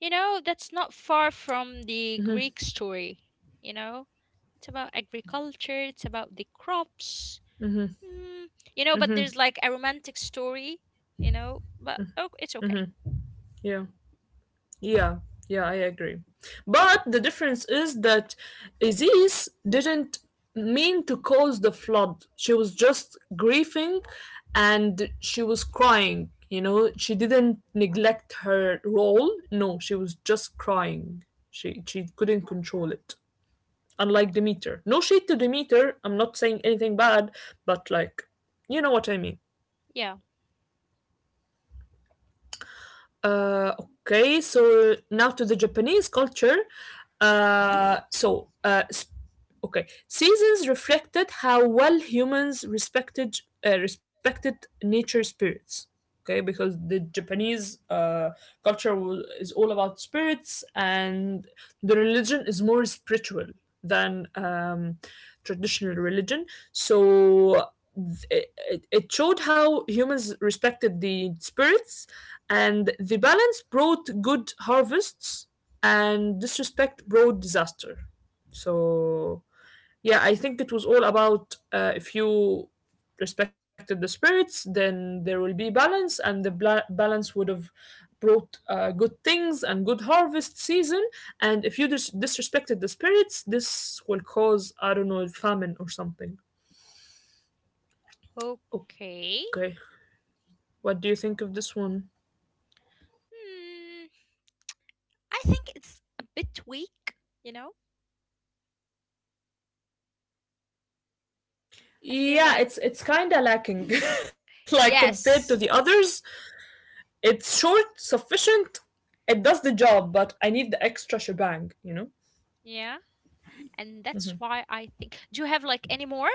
Speaker 2: You know, that's not far from the Greek story, you know? It's about agriculture, it's about the crops. Mm, you know, but there's like a romantic story, you know, but oh, it's okay.
Speaker 1: Yeah. Yeah, yeah, I agree. But the difference is that Aziz didn't mean to cause the flood. She was just grieving and she was crying. You know, she didn't neglect her role. No, she was just crying. She she couldn't control it. Unlike
Speaker 2: Yeah.
Speaker 1: Demeter. No shade to Demeter. I'm not saying anything bad, but like you know what I mean.
Speaker 2: Yeah.
Speaker 1: Uh, okay, so now to the Japanese culture. Uh, so, uh, s- okay, seasons reflected how well humans respected uh, respected nature spirits. Okay, because the Japanese uh, culture wa- is all about spirits, and the religion is more spiritual than um, traditional religion. So. th- It, it showed how humans respected the spirits, and the balance brought good harvests and disrespect brought disaster. So yeah, I think it was all about uh, if you respected the spirits then there will be balance, and the bla- balance would have brought uh, good things and good harvest season. And if you dis- disrespected the spirits this will cause, I don't know, famine or something. Okay,
Speaker 2: Okay.
Speaker 1: what do you think of this one?
Speaker 2: Hmm, I think it's a bit weak, you know? I feel
Speaker 1: Yeah,
Speaker 2: like,
Speaker 1: it's it's kind of lacking. Like compared to the
Speaker 2: yes,
Speaker 1: others, it's short, sufficient. It does the job, but I need the extra shebang, you know?
Speaker 2: yeah. And that's why I think. Do you have like any more?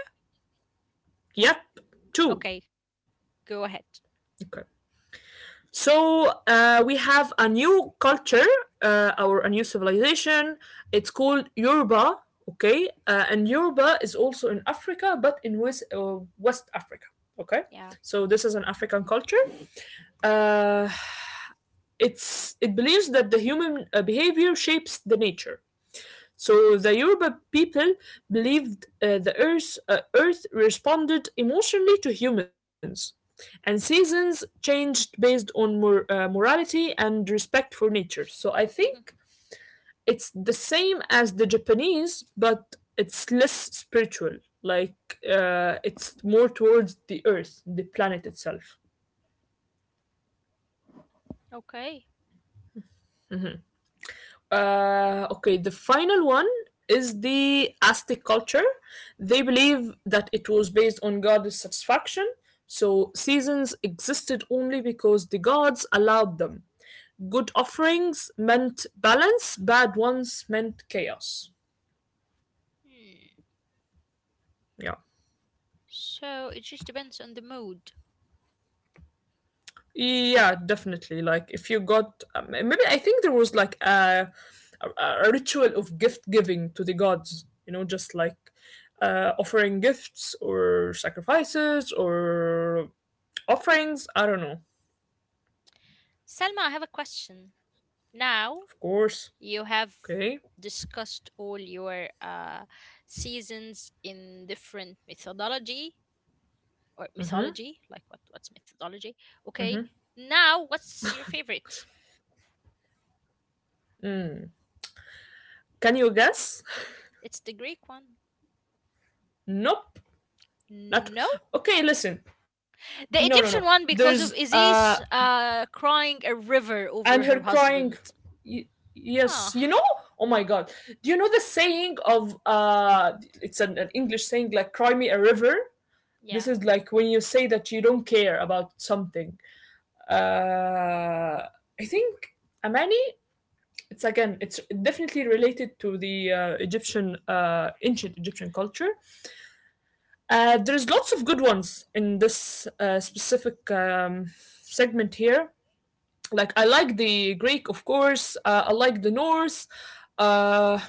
Speaker 1: Yep, two.
Speaker 2: Okay, go ahead.
Speaker 1: Okay. So uh, we have a new culture, uh, or a new civilization. It's called Yoruba, okay? Uh, and Yoruba is also in Africa, but in West, uh, West Africa, okay?
Speaker 2: Yeah.
Speaker 1: So this is an African culture. Uh, It's it believes that the human uh, behavior shapes the nature. So the Yoruba people believed uh, the earth uh, earth responded emotionally to humans, and seasons changed based on mor- uh, morality and respect for nature. So I
Speaker 2: Mhm.
Speaker 1: think it's the same as the Japanese, but it's less spiritual. Like uh, it's more towards the earth, the planet itself.
Speaker 2: Okay.
Speaker 1: Uh, okay, the final one is the Aztec culture. They believe that it was based on goddess satisfaction, so seasons existed only because the gods allowed them. Good offerings meant balance, bad ones meant chaos. Yeah.
Speaker 2: So it just depends on the mood.
Speaker 1: Yeah, definitely. Like if you got um, maybe I think there was like a, a a ritual of gift giving to the gods, you know, just like uh, offering gifts or sacrifices or offerings. I don't know.
Speaker 2: Selma, I have a question. Now,
Speaker 1: Of course.
Speaker 2: you have
Speaker 1: Okay.
Speaker 2: discussed all your uh, seasons in different methodology or mythology, like what what's methodology? Okay, now what's your favorite?
Speaker 1: Can you guess?
Speaker 2: It's the Greek one.
Speaker 1: Nope.
Speaker 2: No,
Speaker 1: Not Okay. Listen.
Speaker 2: the
Speaker 1: No, no,
Speaker 2: Egyptian
Speaker 1: no.
Speaker 2: one because of
Speaker 1: There's a
Speaker 2: Isis uh, crying a river over
Speaker 1: and
Speaker 2: her
Speaker 1: her
Speaker 2: husband.
Speaker 1: crying y-
Speaker 2: Ah,
Speaker 1: Yes, you know, oh my god, do you know the saying of uh it's an, an english saying, like cry me a river? This
Speaker 2: yeah.
Speaker 1: is like when you say that you don't care about something. uh I think, Amani, it's again, it's definitely related to the uh, egyptian, uh ancient egyptian culture. Uh there's lots of good ones in this uh, specific um segment here. Like I like the greek, of course, uh, I like the norse, uh,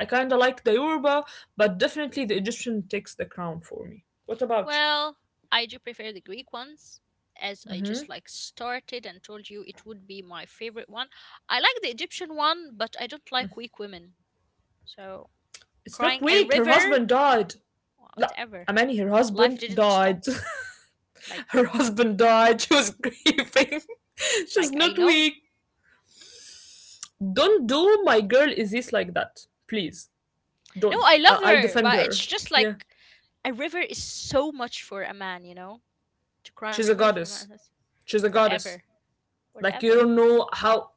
Speaker 1: I kind of like the yoruba, but definitely the egyptian takes the crown for me. What about you?
Speaker 2: Well, I do prefer the Greek ones, as I just like started and told you it would be my favorite one. I like the Egyptian one, but I don't like weak women. So
Speaker 1: It's not
Speaker 2: crying a
Speaker 1: weak, her
Speaker 2: river,
Speaker 1: husband died. No,
Speaker 2: whatever.
Speaker 1: Amani, her
Speaker 2: Life
Speaker 1: husband
Speaker 2: didn't stop.
Speaker 1: died.
Speaker 2: Like
Speaker 1: Her husband died, she was grieving. She's
Speaker 2: like I
Speaker 1: not
Speaker 2: know.
Speaker 1: weak. Don't do my girl is this like that, please.
Speaker 2: No,
Speaker 1: Don't
Speaker 2: I love
Speaker 1: I- I'll
Speaker 2: her,
Speaker 1: defend
Speaker 2: but it's
Speaker 1: her.
Speaker 2: just
Speaker 1: Yeah.
Speaker 2: like a river is so much for a man, you know? To cry a
Speaker 1: She's a
Speaker 2: river for a
Speaker 1: goddess.
Speaker 2: man, that's
Speaker 1: She's a goddess.
Speaker 2: whatever.
Speaker 1: like you
Speaker 2: Whatever.
Speaker 1: don't know how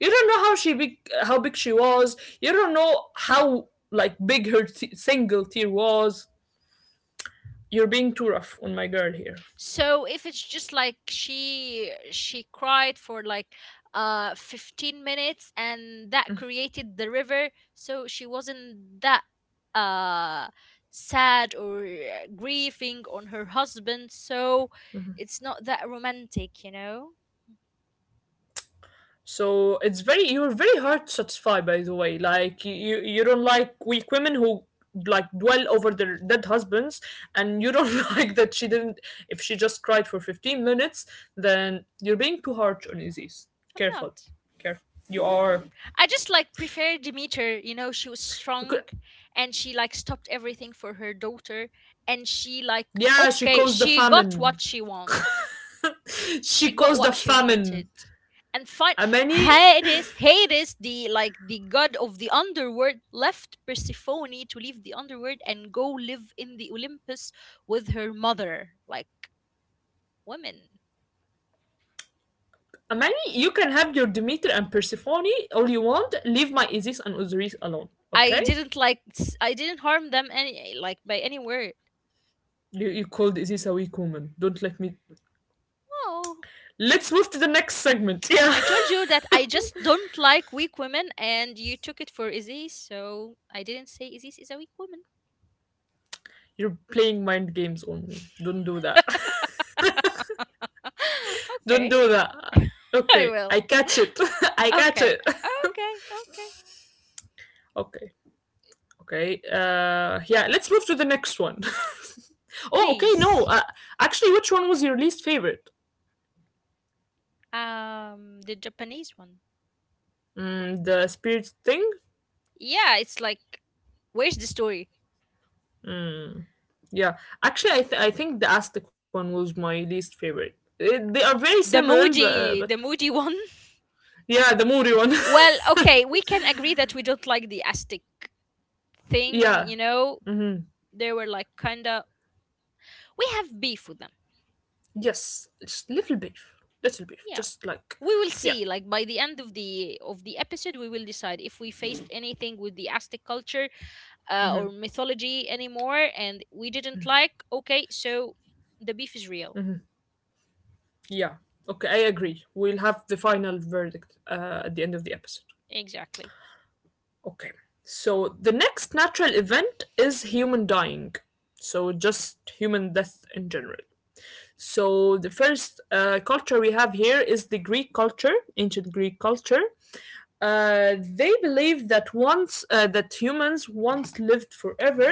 Speaker 1: You don't know how she big, how big she was. You don't know how like big her t- single tear was. You're being too rough on my girl here.
Speaker 2: So if it's just like she she cried for like uh fifteen minutes and that created the river so she wasn't that uh sad or uh, grieving on her husband so it's not that romantic, you know.
Speaker 1: So it's very, you're very hard to satisfy. By the way, like you you don't like weak women who like dwell over their dead husbands, and you don't like that she didn't. If she just cried for fifteen minutes, then you're being too harsh on Aziz.
Speaker 2: I'm not,
Speaker 1: Careful, careful. You are.
Speaker 2: I just like prefer Demeter, you know she was strong and she like stopped everything for her daughter and she like
Speaker 1: Yeah, she
Speaker 2: okay
Speaker 1: caused the
Speaker 2: she got what
Speaker 1: famine.
Speaker 2: she wants,
Speaker 1: She
Speaker 2: she got
Speaker 1: caused a
Speaker 2: what she
Speaker 1: famine.
Speaker 2: wanted. And find
Speaker 1: Amani,
Speaker 2: Hades, Hades, the like the god of the underworld, left Persephone to leave the underworld and go live in the Olympus with her mother. Like women,
Speaker 1: Amani, you can have your Demeter and Persephone all you want. Leave my Isis and Osiris alone,
Speaker 2: I
Speaker 1: okay?
Speaker 2: didn't like s- I didn't harm them any like by any word.
Speaker 1: You, you called Isis a weak woman. Don't let me.
Speaker 2: Oh,
Speaker 1: Let's move to the next segment. Yeah.
Speaker 2: I told you that I just don't like weak women, and you took it for Aziz, so I didn't say Aziz is a weak woman.
Speaker 1: You're playing mind games on me. Don't do that. Don't
Speaker 2: Okay,
Speaker 1: do that.
Speaker 2: I
Speaker 1: Okay. I
Speaker 2: will.
Speaker 1: catch it. I catch
Speaker 2: Okay,
Speaker 1: it.
Speaker 2: okay, okay.
Speaker 1: Okay. Okay. Uh, yeah, let's move to the next one. Oh, okay. No,
Speaker 2: Please.
Speaker 1: uh, actually, which one was your least favorite?
Speaker 2: Um, the Japanese one.
Speaker 1: Mm, the spirit thing.
Speaker 2: Yeah, it's like, where's the story?
Speaker 1: Mm, yeah, actually, I th- I think the Aztec one was my least favorite. Eh, they are very
Speaker 2: The
Speaker 1: similar, but uh, but
Speaker 2: Muji, the Muji one.
Speaker 1: yeah, the Muri one.
Speaker 2: Well, okay, we can agree that we don't like the Aztec thing.
Speaker 1: Yeah.
Speaker 2: You know,
Speaker 1: Hmm.
Speaker 2: they were like kind of. We have beef with them.
Speaker 1: Yes, just little beef, little beef,
Speaker 2: Yeah,
Speaker 1: just like
Speaker 2: we will
Speaker 1: yeah.
Speaker 2: see. Like by the end of the of the episode, we will decide if we faced anything with the Aztec culture uh, or
Speaker 1: Hmm.
Speaker 2: mythology anymore, and we didn't like. Okay, so the beef is real.
Speaker 1: Yeah. Okay, I agree. We'll have the final verdict uh, at the end of the episode.
Speaker 2: Exactly.
Speaker 1: Okay. So the next natural event is human dying. So just human death in general. So the first uh, culture we have here is the Greek culture, ancient Greek culture. Uh, they believe that once uh, that humans once lived forever,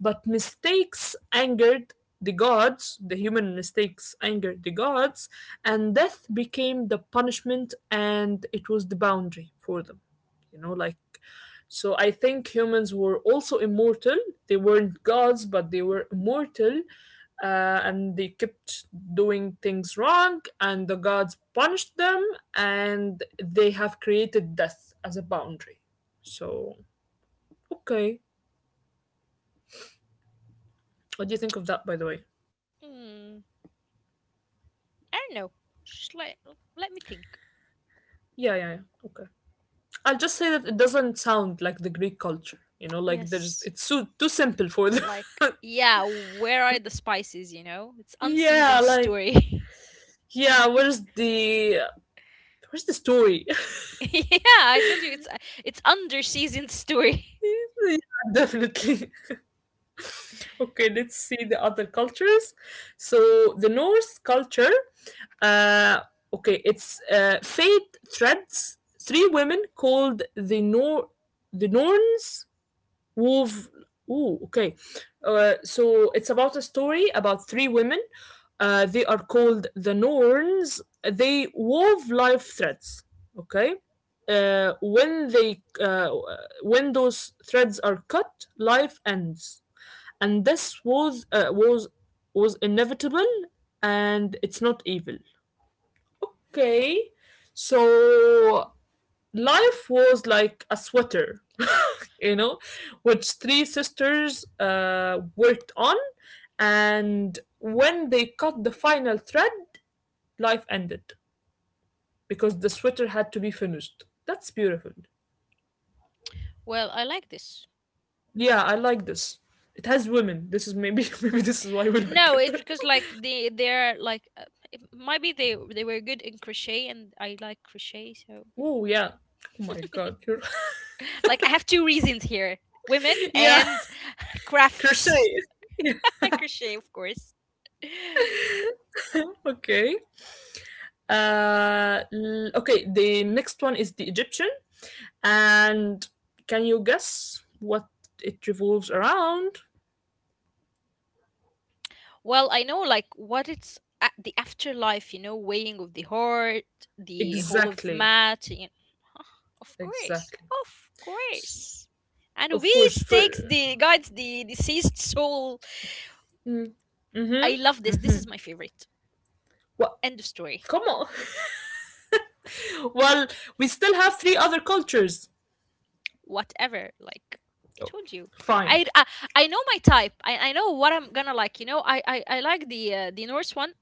Speaker 1: but mistakes angered the gods. The human mistakes angered the gods, and death became the punishment, and it was the boundary for them. You know, like so. I think humans were also immortal. They weren't gods, but they were immortal, uh, and they kept doing things wrong, and the gods punished them, and they have created death as a boundary. So, okay. What do you think of that, by the way?
Speaker 2: Hmm. I don't know. Just let let me think.
Speaker 1: Yeah, yeah, yeah. Okay. I'll just say that it doesn't sound like the Greek culture. You know, like there's
Speaker 2: Yes,
Speaker 1: it's too too simple for them.
Speaker 2: like yeah, where are the spices? You know, it's unseasoned
Speaker 1: Yeah, like
Speaker 2: story.
Speaker 1: yeah. Where's the where's the story?
Speaker 2: Yeah, I told you it's it's under seasoned story.
Speaker 1: Yeah, definitely. Okay, let's see the other cultures. So the Norse culture, Uh, okay, it's uh, Fate Threads. Three women called the Nor the Norns wove. Ooh, okay. Uh, so it's about a story about three women. Uh, they are called the Norns. They wove life threads. Okay. Uh, when they uh, when those threads are cut, life ends, and this was uh, was was inevitable, and it's not evil. Okay, so life was like a sweater, you know, which three sisters uh, worked on, and when they cut the final thread, life ended because the sweater had to be finished. That's beautiful.
Speaker 2: Well, I like this.
Speaker 1: Yeah, I like this. It has women. This is maybe maybe this is why we like
Speaker 2: No, it's
Speaker 1: it.
Speaker 2: because like they they're like uh, it might be they they were good in crochet and I like crochet so.
Speaker 1: Oh yeah. Oh my god. You're-
Speaker 2: Like I have two reasons here: women
Speaker 1: Yeah.
Speaker 2: and
Speaker 1: Crochet.
Speaker 2: crafts.
Speaker 1: Yeah.
Speaker 2: Crochet, of course.
Speaker 1: Okay. Uh, okay, the next one is the Egyptian, and can you guess what it revolves around?
Speaker 2: Well, I know like what it's a the afterlife, you know, weighing of the heart, the whole of
Speaker 1: Exactly,
Speaker 2: mat. You know. Of course,
Speaker 1: exactly.
Speaker 2: of
Speaker 1: S-
Speaker 2: course. And
Speaker 1: Of
Speaker 2: we
Speaker 1: course, for
Speaker 2: stakes the guides the deceased soul.
Speaker 1: mm,
Speaker 2: I love this. This is my favorite.
Speaker 1: what?
Speaker 2: End of story.
Speaker 1: Come on. Well, we still have three other cultures.
Speaker 2: Whatever. Like I
Speaker 1: Oh,
Speaker 2: told you.
Speaker 1: fine.
Speaker 2: I, I, I know my type. I, I know what I'm gonna like. You know, I I, I like the uh, the Norse one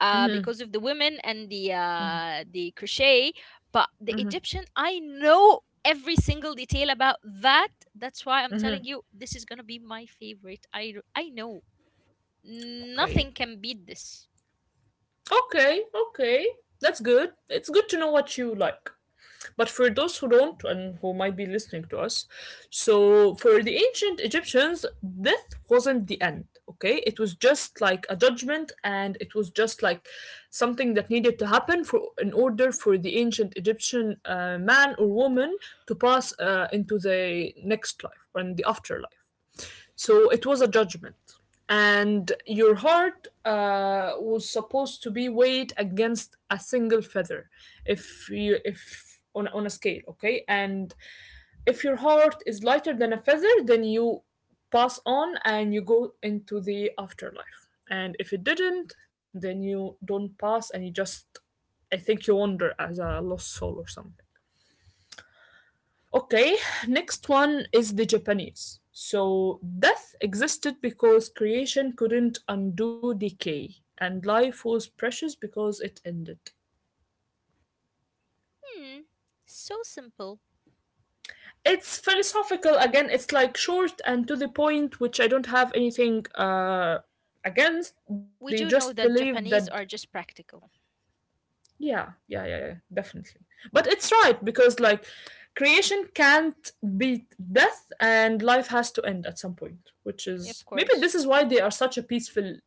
Speaker 2: uh, because of the women and the uh, the crochet. But the Egyptian, I know every single detail about that. That's why I'm telling you this is gonna be my favorite. I I know
Speaker 1: Okay.
Speaker 2: nothing can beat this.
Speaker 1: Okay. Okay. That's good. It's good to know what you like. But for those who don't and who might be listening to us, so for the ancient Egyptians, death wasn't the end, okay? It was just like a judgment and it was just like something that needed to happen for in order for the ancient Egyptian uh, man or woman to pass uh, into the next life or in the afterlife. So it was a judgment. And your heart uh, was supposed to be weighed against a single feather, if you if on on a scale, okay. And if your heart is lighter than a feather, then you pass on and you go into the afterlife. And if it didn't, then you don't pass and you just, I think you wander as a lost soul or something. Okay, next one is the Japanese. So, death existed because creation couldn't undo decay, and life was precious because it ended.
Speaker 2: Hmm, so simple.
Speaker 1: It's philosophical again, it's like short and to the point, which I don't have anything uh, against. They
Speaker 2: We
Speaker 1: just
Speaker 2: do know that
Speaker 1: believe that,
Speaker 2: Japanese are just practical.
Speaker 1: yeah, yeah, yeah, yeah, definitely. But it's right because, like, creation can't beat death and life has to end at some point, which
Speaker 2: Of
Speaker 1: is maybe
Speaker 2: course,
Speaker 1: this is why they are such a peaceful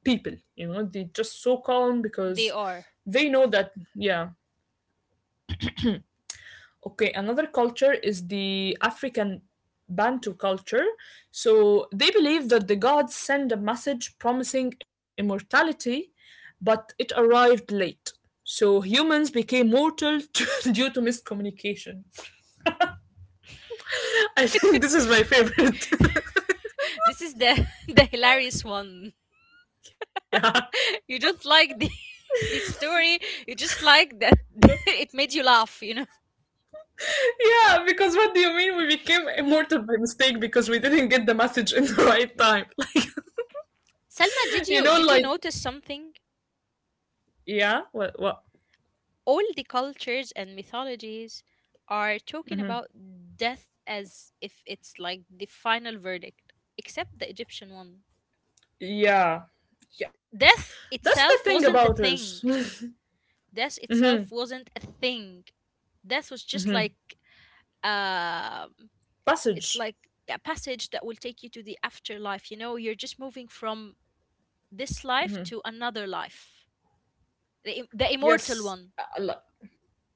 Speaker 1: people, you know, they just so calm
Speaker 2: they
Speaker 1: because
Speaker 2: are.
Speaker 1: they know that yeah. Okay, another culture is the african bantu culture. So they believe that the gods send a message promising immortality, but it arrived late, so humans became mortal due to miscommunication. I think this is my favorite.
Speaker 2: This is the the hilarious one.
Speaker 1: Yeah.
Speaker 2: You just like the the story. You just like that
Speaker 1: No.
Speaker 2: it made you laugh, you know.
Speaker 1: Yeah, because what do you mean we became immortal by mistake because we didn't get the message in the right time? Like,
Speaker 2: Selma, did
Speaker 1: you
Speaker 2: you
Speaker 1: know,
Speaker 2: did you
Speaker 1: like
Speaker 2: notice something?
Speaker 1: Yeah, what, what?
Speaker 2: All the cultures and mythologies are talking about death as if it's like the final verdict, except the Egyptian one.
Speaker 1: Yeah, yeah. That's
Speaker 2: Death
Speaker 1: the thing
Speaker 2: itself
Speaker 1: about
Speaker 2: wasn't a
Speaker 1: us.
Speaker 2: thing. Death
Speaker 1: Mhm.
Speaker 2: itself wasn't a thing. Death was just like um it's
Speaker 1: Passage.
Speaker 2: like a passage that will take you to the afterlife. You know, you're just moving from this life to another life, the, im- the
Speaker 1: Yes,
Speaker 2: immortal one.
Speaker 1: Allah.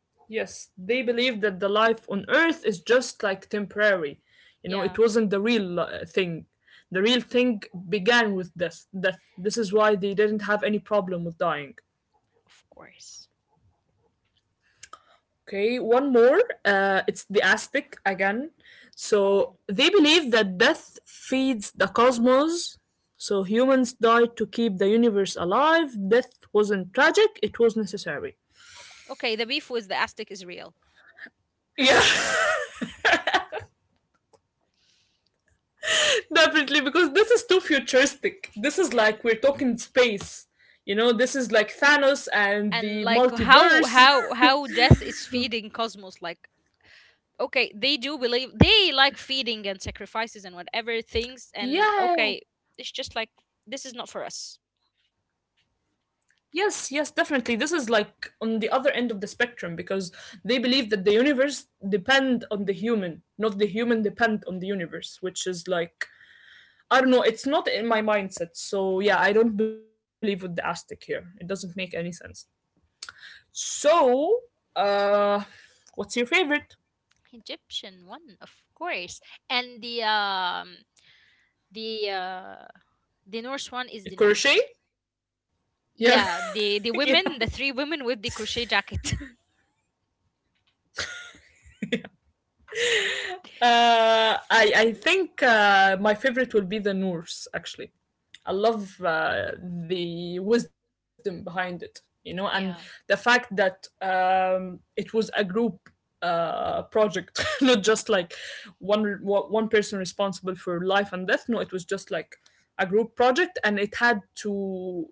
Speaker 1: Yes, they believe that the life on Earth is just like temporary. You know, it
Speaker 2: Yeah,
Speaker 1: wasn't the real uh, thing. The real thing began with death. Death. This is why they didn't have any problem with dying.
Speaker 2: of course.
Speaker 1: Okay, one more. Uh, it's the Aztec again. So
Speaker 2: Oh,
Speaker 1: they believe that death feeds the cosmos. So humans died to keep the universe alive. Death wasn't tragic, it was necessary.
Speaker 2: okay. The beef with the Aztec is real,
Speaker 1: Yeah, definitely, because this is too futuristic. This is like we're talking space. You know, this is like Thanos and
Speaker 2: and
Speaker 1: the
Speaker 2: like how
Speaker 1: multiverse.
Speaker 2: how how death is feeding cosmos. Like okay, they do believe they like feeding and sacrifices and whatever things. And
Speaker 1: Yeah.
Speaker 2: okay, it's just like this is not for us.
Speaker 1: Yes, yes, definitely. This is like on the other end of the spectrum because they believe that the universe depend on the human, not the human depend on the universe, which is like I don't know, it's not in my mindset. So yeah, I don't believe with the Aztec here. It doesn't make any sense. So uh what's your favorite?
Speaker 2: Egyptian one, of course, and the um the uh the Norse one is the
Speaker 1: Crochet?
Speaker 2: next.
Speaker 1: Yeah.
Speaker 2: Yeah,
Speaker 1: Yeah.
Speaker 2: the the women, the three women with the crochet jacket.
Speaker 1: Uh, I I think uh, my favorite will be the Norse. Actually, I love uh, the wisdom behind it, you know, and the
Speaker 2: Yeah.
Speaker 1: fact that um, it was a group uh, project, not just like one re- wa- one person responsible for life and death. No, it was just like a group project, and it had to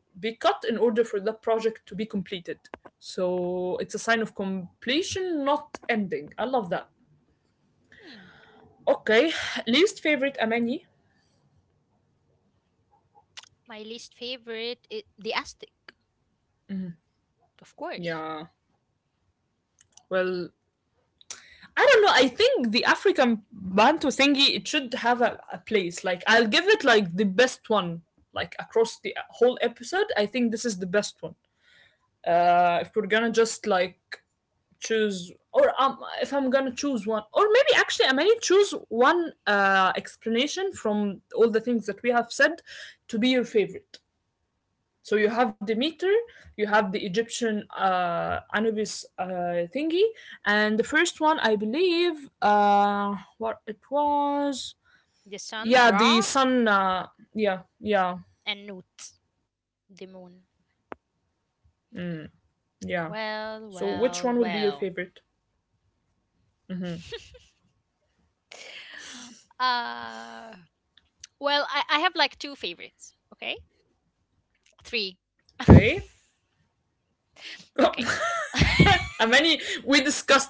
Speaker 1: be cut in order for the project to be completed. So it's a sign of completion, not ending. I love that.
Speaker 2: Hmm.
Speaker 1: Okay, least favorite Amani.
Speaker 2: My least favorite is the Aztec, of course.
Speaker 1: Yeah. Well, I don't know. I think the African Bantu thingy it should have a, a place. Like I'll give it like the best one. Like across the whole episode, I think this is the best one. Uh, if we're gonna just like choose, or um, if I'm gonna choose one, or maybe actually I may choose one uh explanation from all the things that we have said to be your favorite. So you have Demeter, you have the Egyptian uh, Anubis uh, thingy, and the first one I believe uh, what it was,
Speaker 2: The sun,
Speaker 1: yeah, the
Speaker 2: Ra,
Speaker 1: sun. Uh, yeah, yeah,
Speaker 2: and Nut, the moon.
Speaker 1: yeah. So
Speaker 2: Well,
Speaker 1: which one will be your
Speaker 2: well,
Speaker 1: favorite?
Speaker 2: well. uh, well, I, I have like two favorites. Okay, three.
Speaker 1: Okay, how
Speaker 2: Okay.
Speaker 1: many? We discussed three.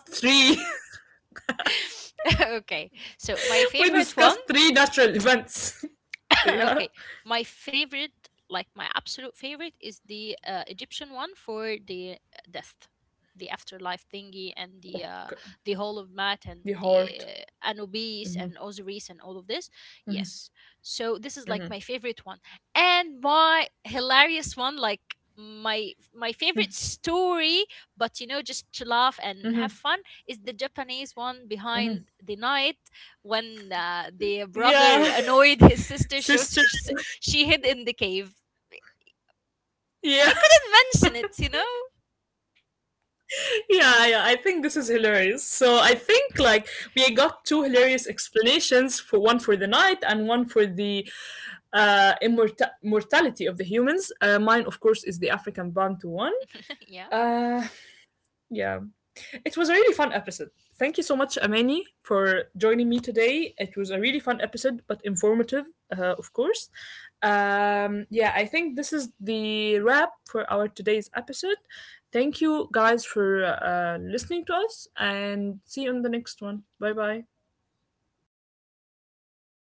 Speaker 2: Okay. So
Speaker 1: We
Speaker 2: my
Speaker 1: discussed
Speaker 2: favorite
Speaker 1: three
Speaker 2: one
Speaker 1: natural events. Yeah.
Speaker 2: okay, my favorite, like my absolute favorite, is the uh, Egyptian one for the uh, death, the afterlife thingy, and the uh,
Speaker 1: Okay.
Speaker 2: the Hall of Mat and
Speaker 1: The
Speaker 2: the
Speaker 1: heart.
Speaker 2: uh, Anubis and Osiris and all of this. Yes, so this is like my favorite one, and my hilarious one, like my my favorite story but you know just to laugh and have fun is the Japanese one behind the night when uh, the brother
Speaker 1: Yeah.
Speaker 2: annoyed his sister, so
Speaker 1: Sister.
Speaker 2: she, she hid in the cave.
Speaker 1: Yeah.
Speaker 2: I couldn't mention it, you know?
Speaker 1: Yeah, yeah, I think this is hilarious. So I think like we got two hilarious explanations for one for the night and one for the uh, immorta- mortality of the humans. Uh, mine, of course, is the African Bantu one.
Speaker 2: Yeah.
Speaker 1: Uh, yeah, it was a really fun episode. Thank you so much, Amani, for joining me today. It was a really fun episode, but informative, uh, of course. Um, yeah, I think this is the wrap for our today's episode. Thank you guys for uh, listening to us, and see you on the next one. Bye bye.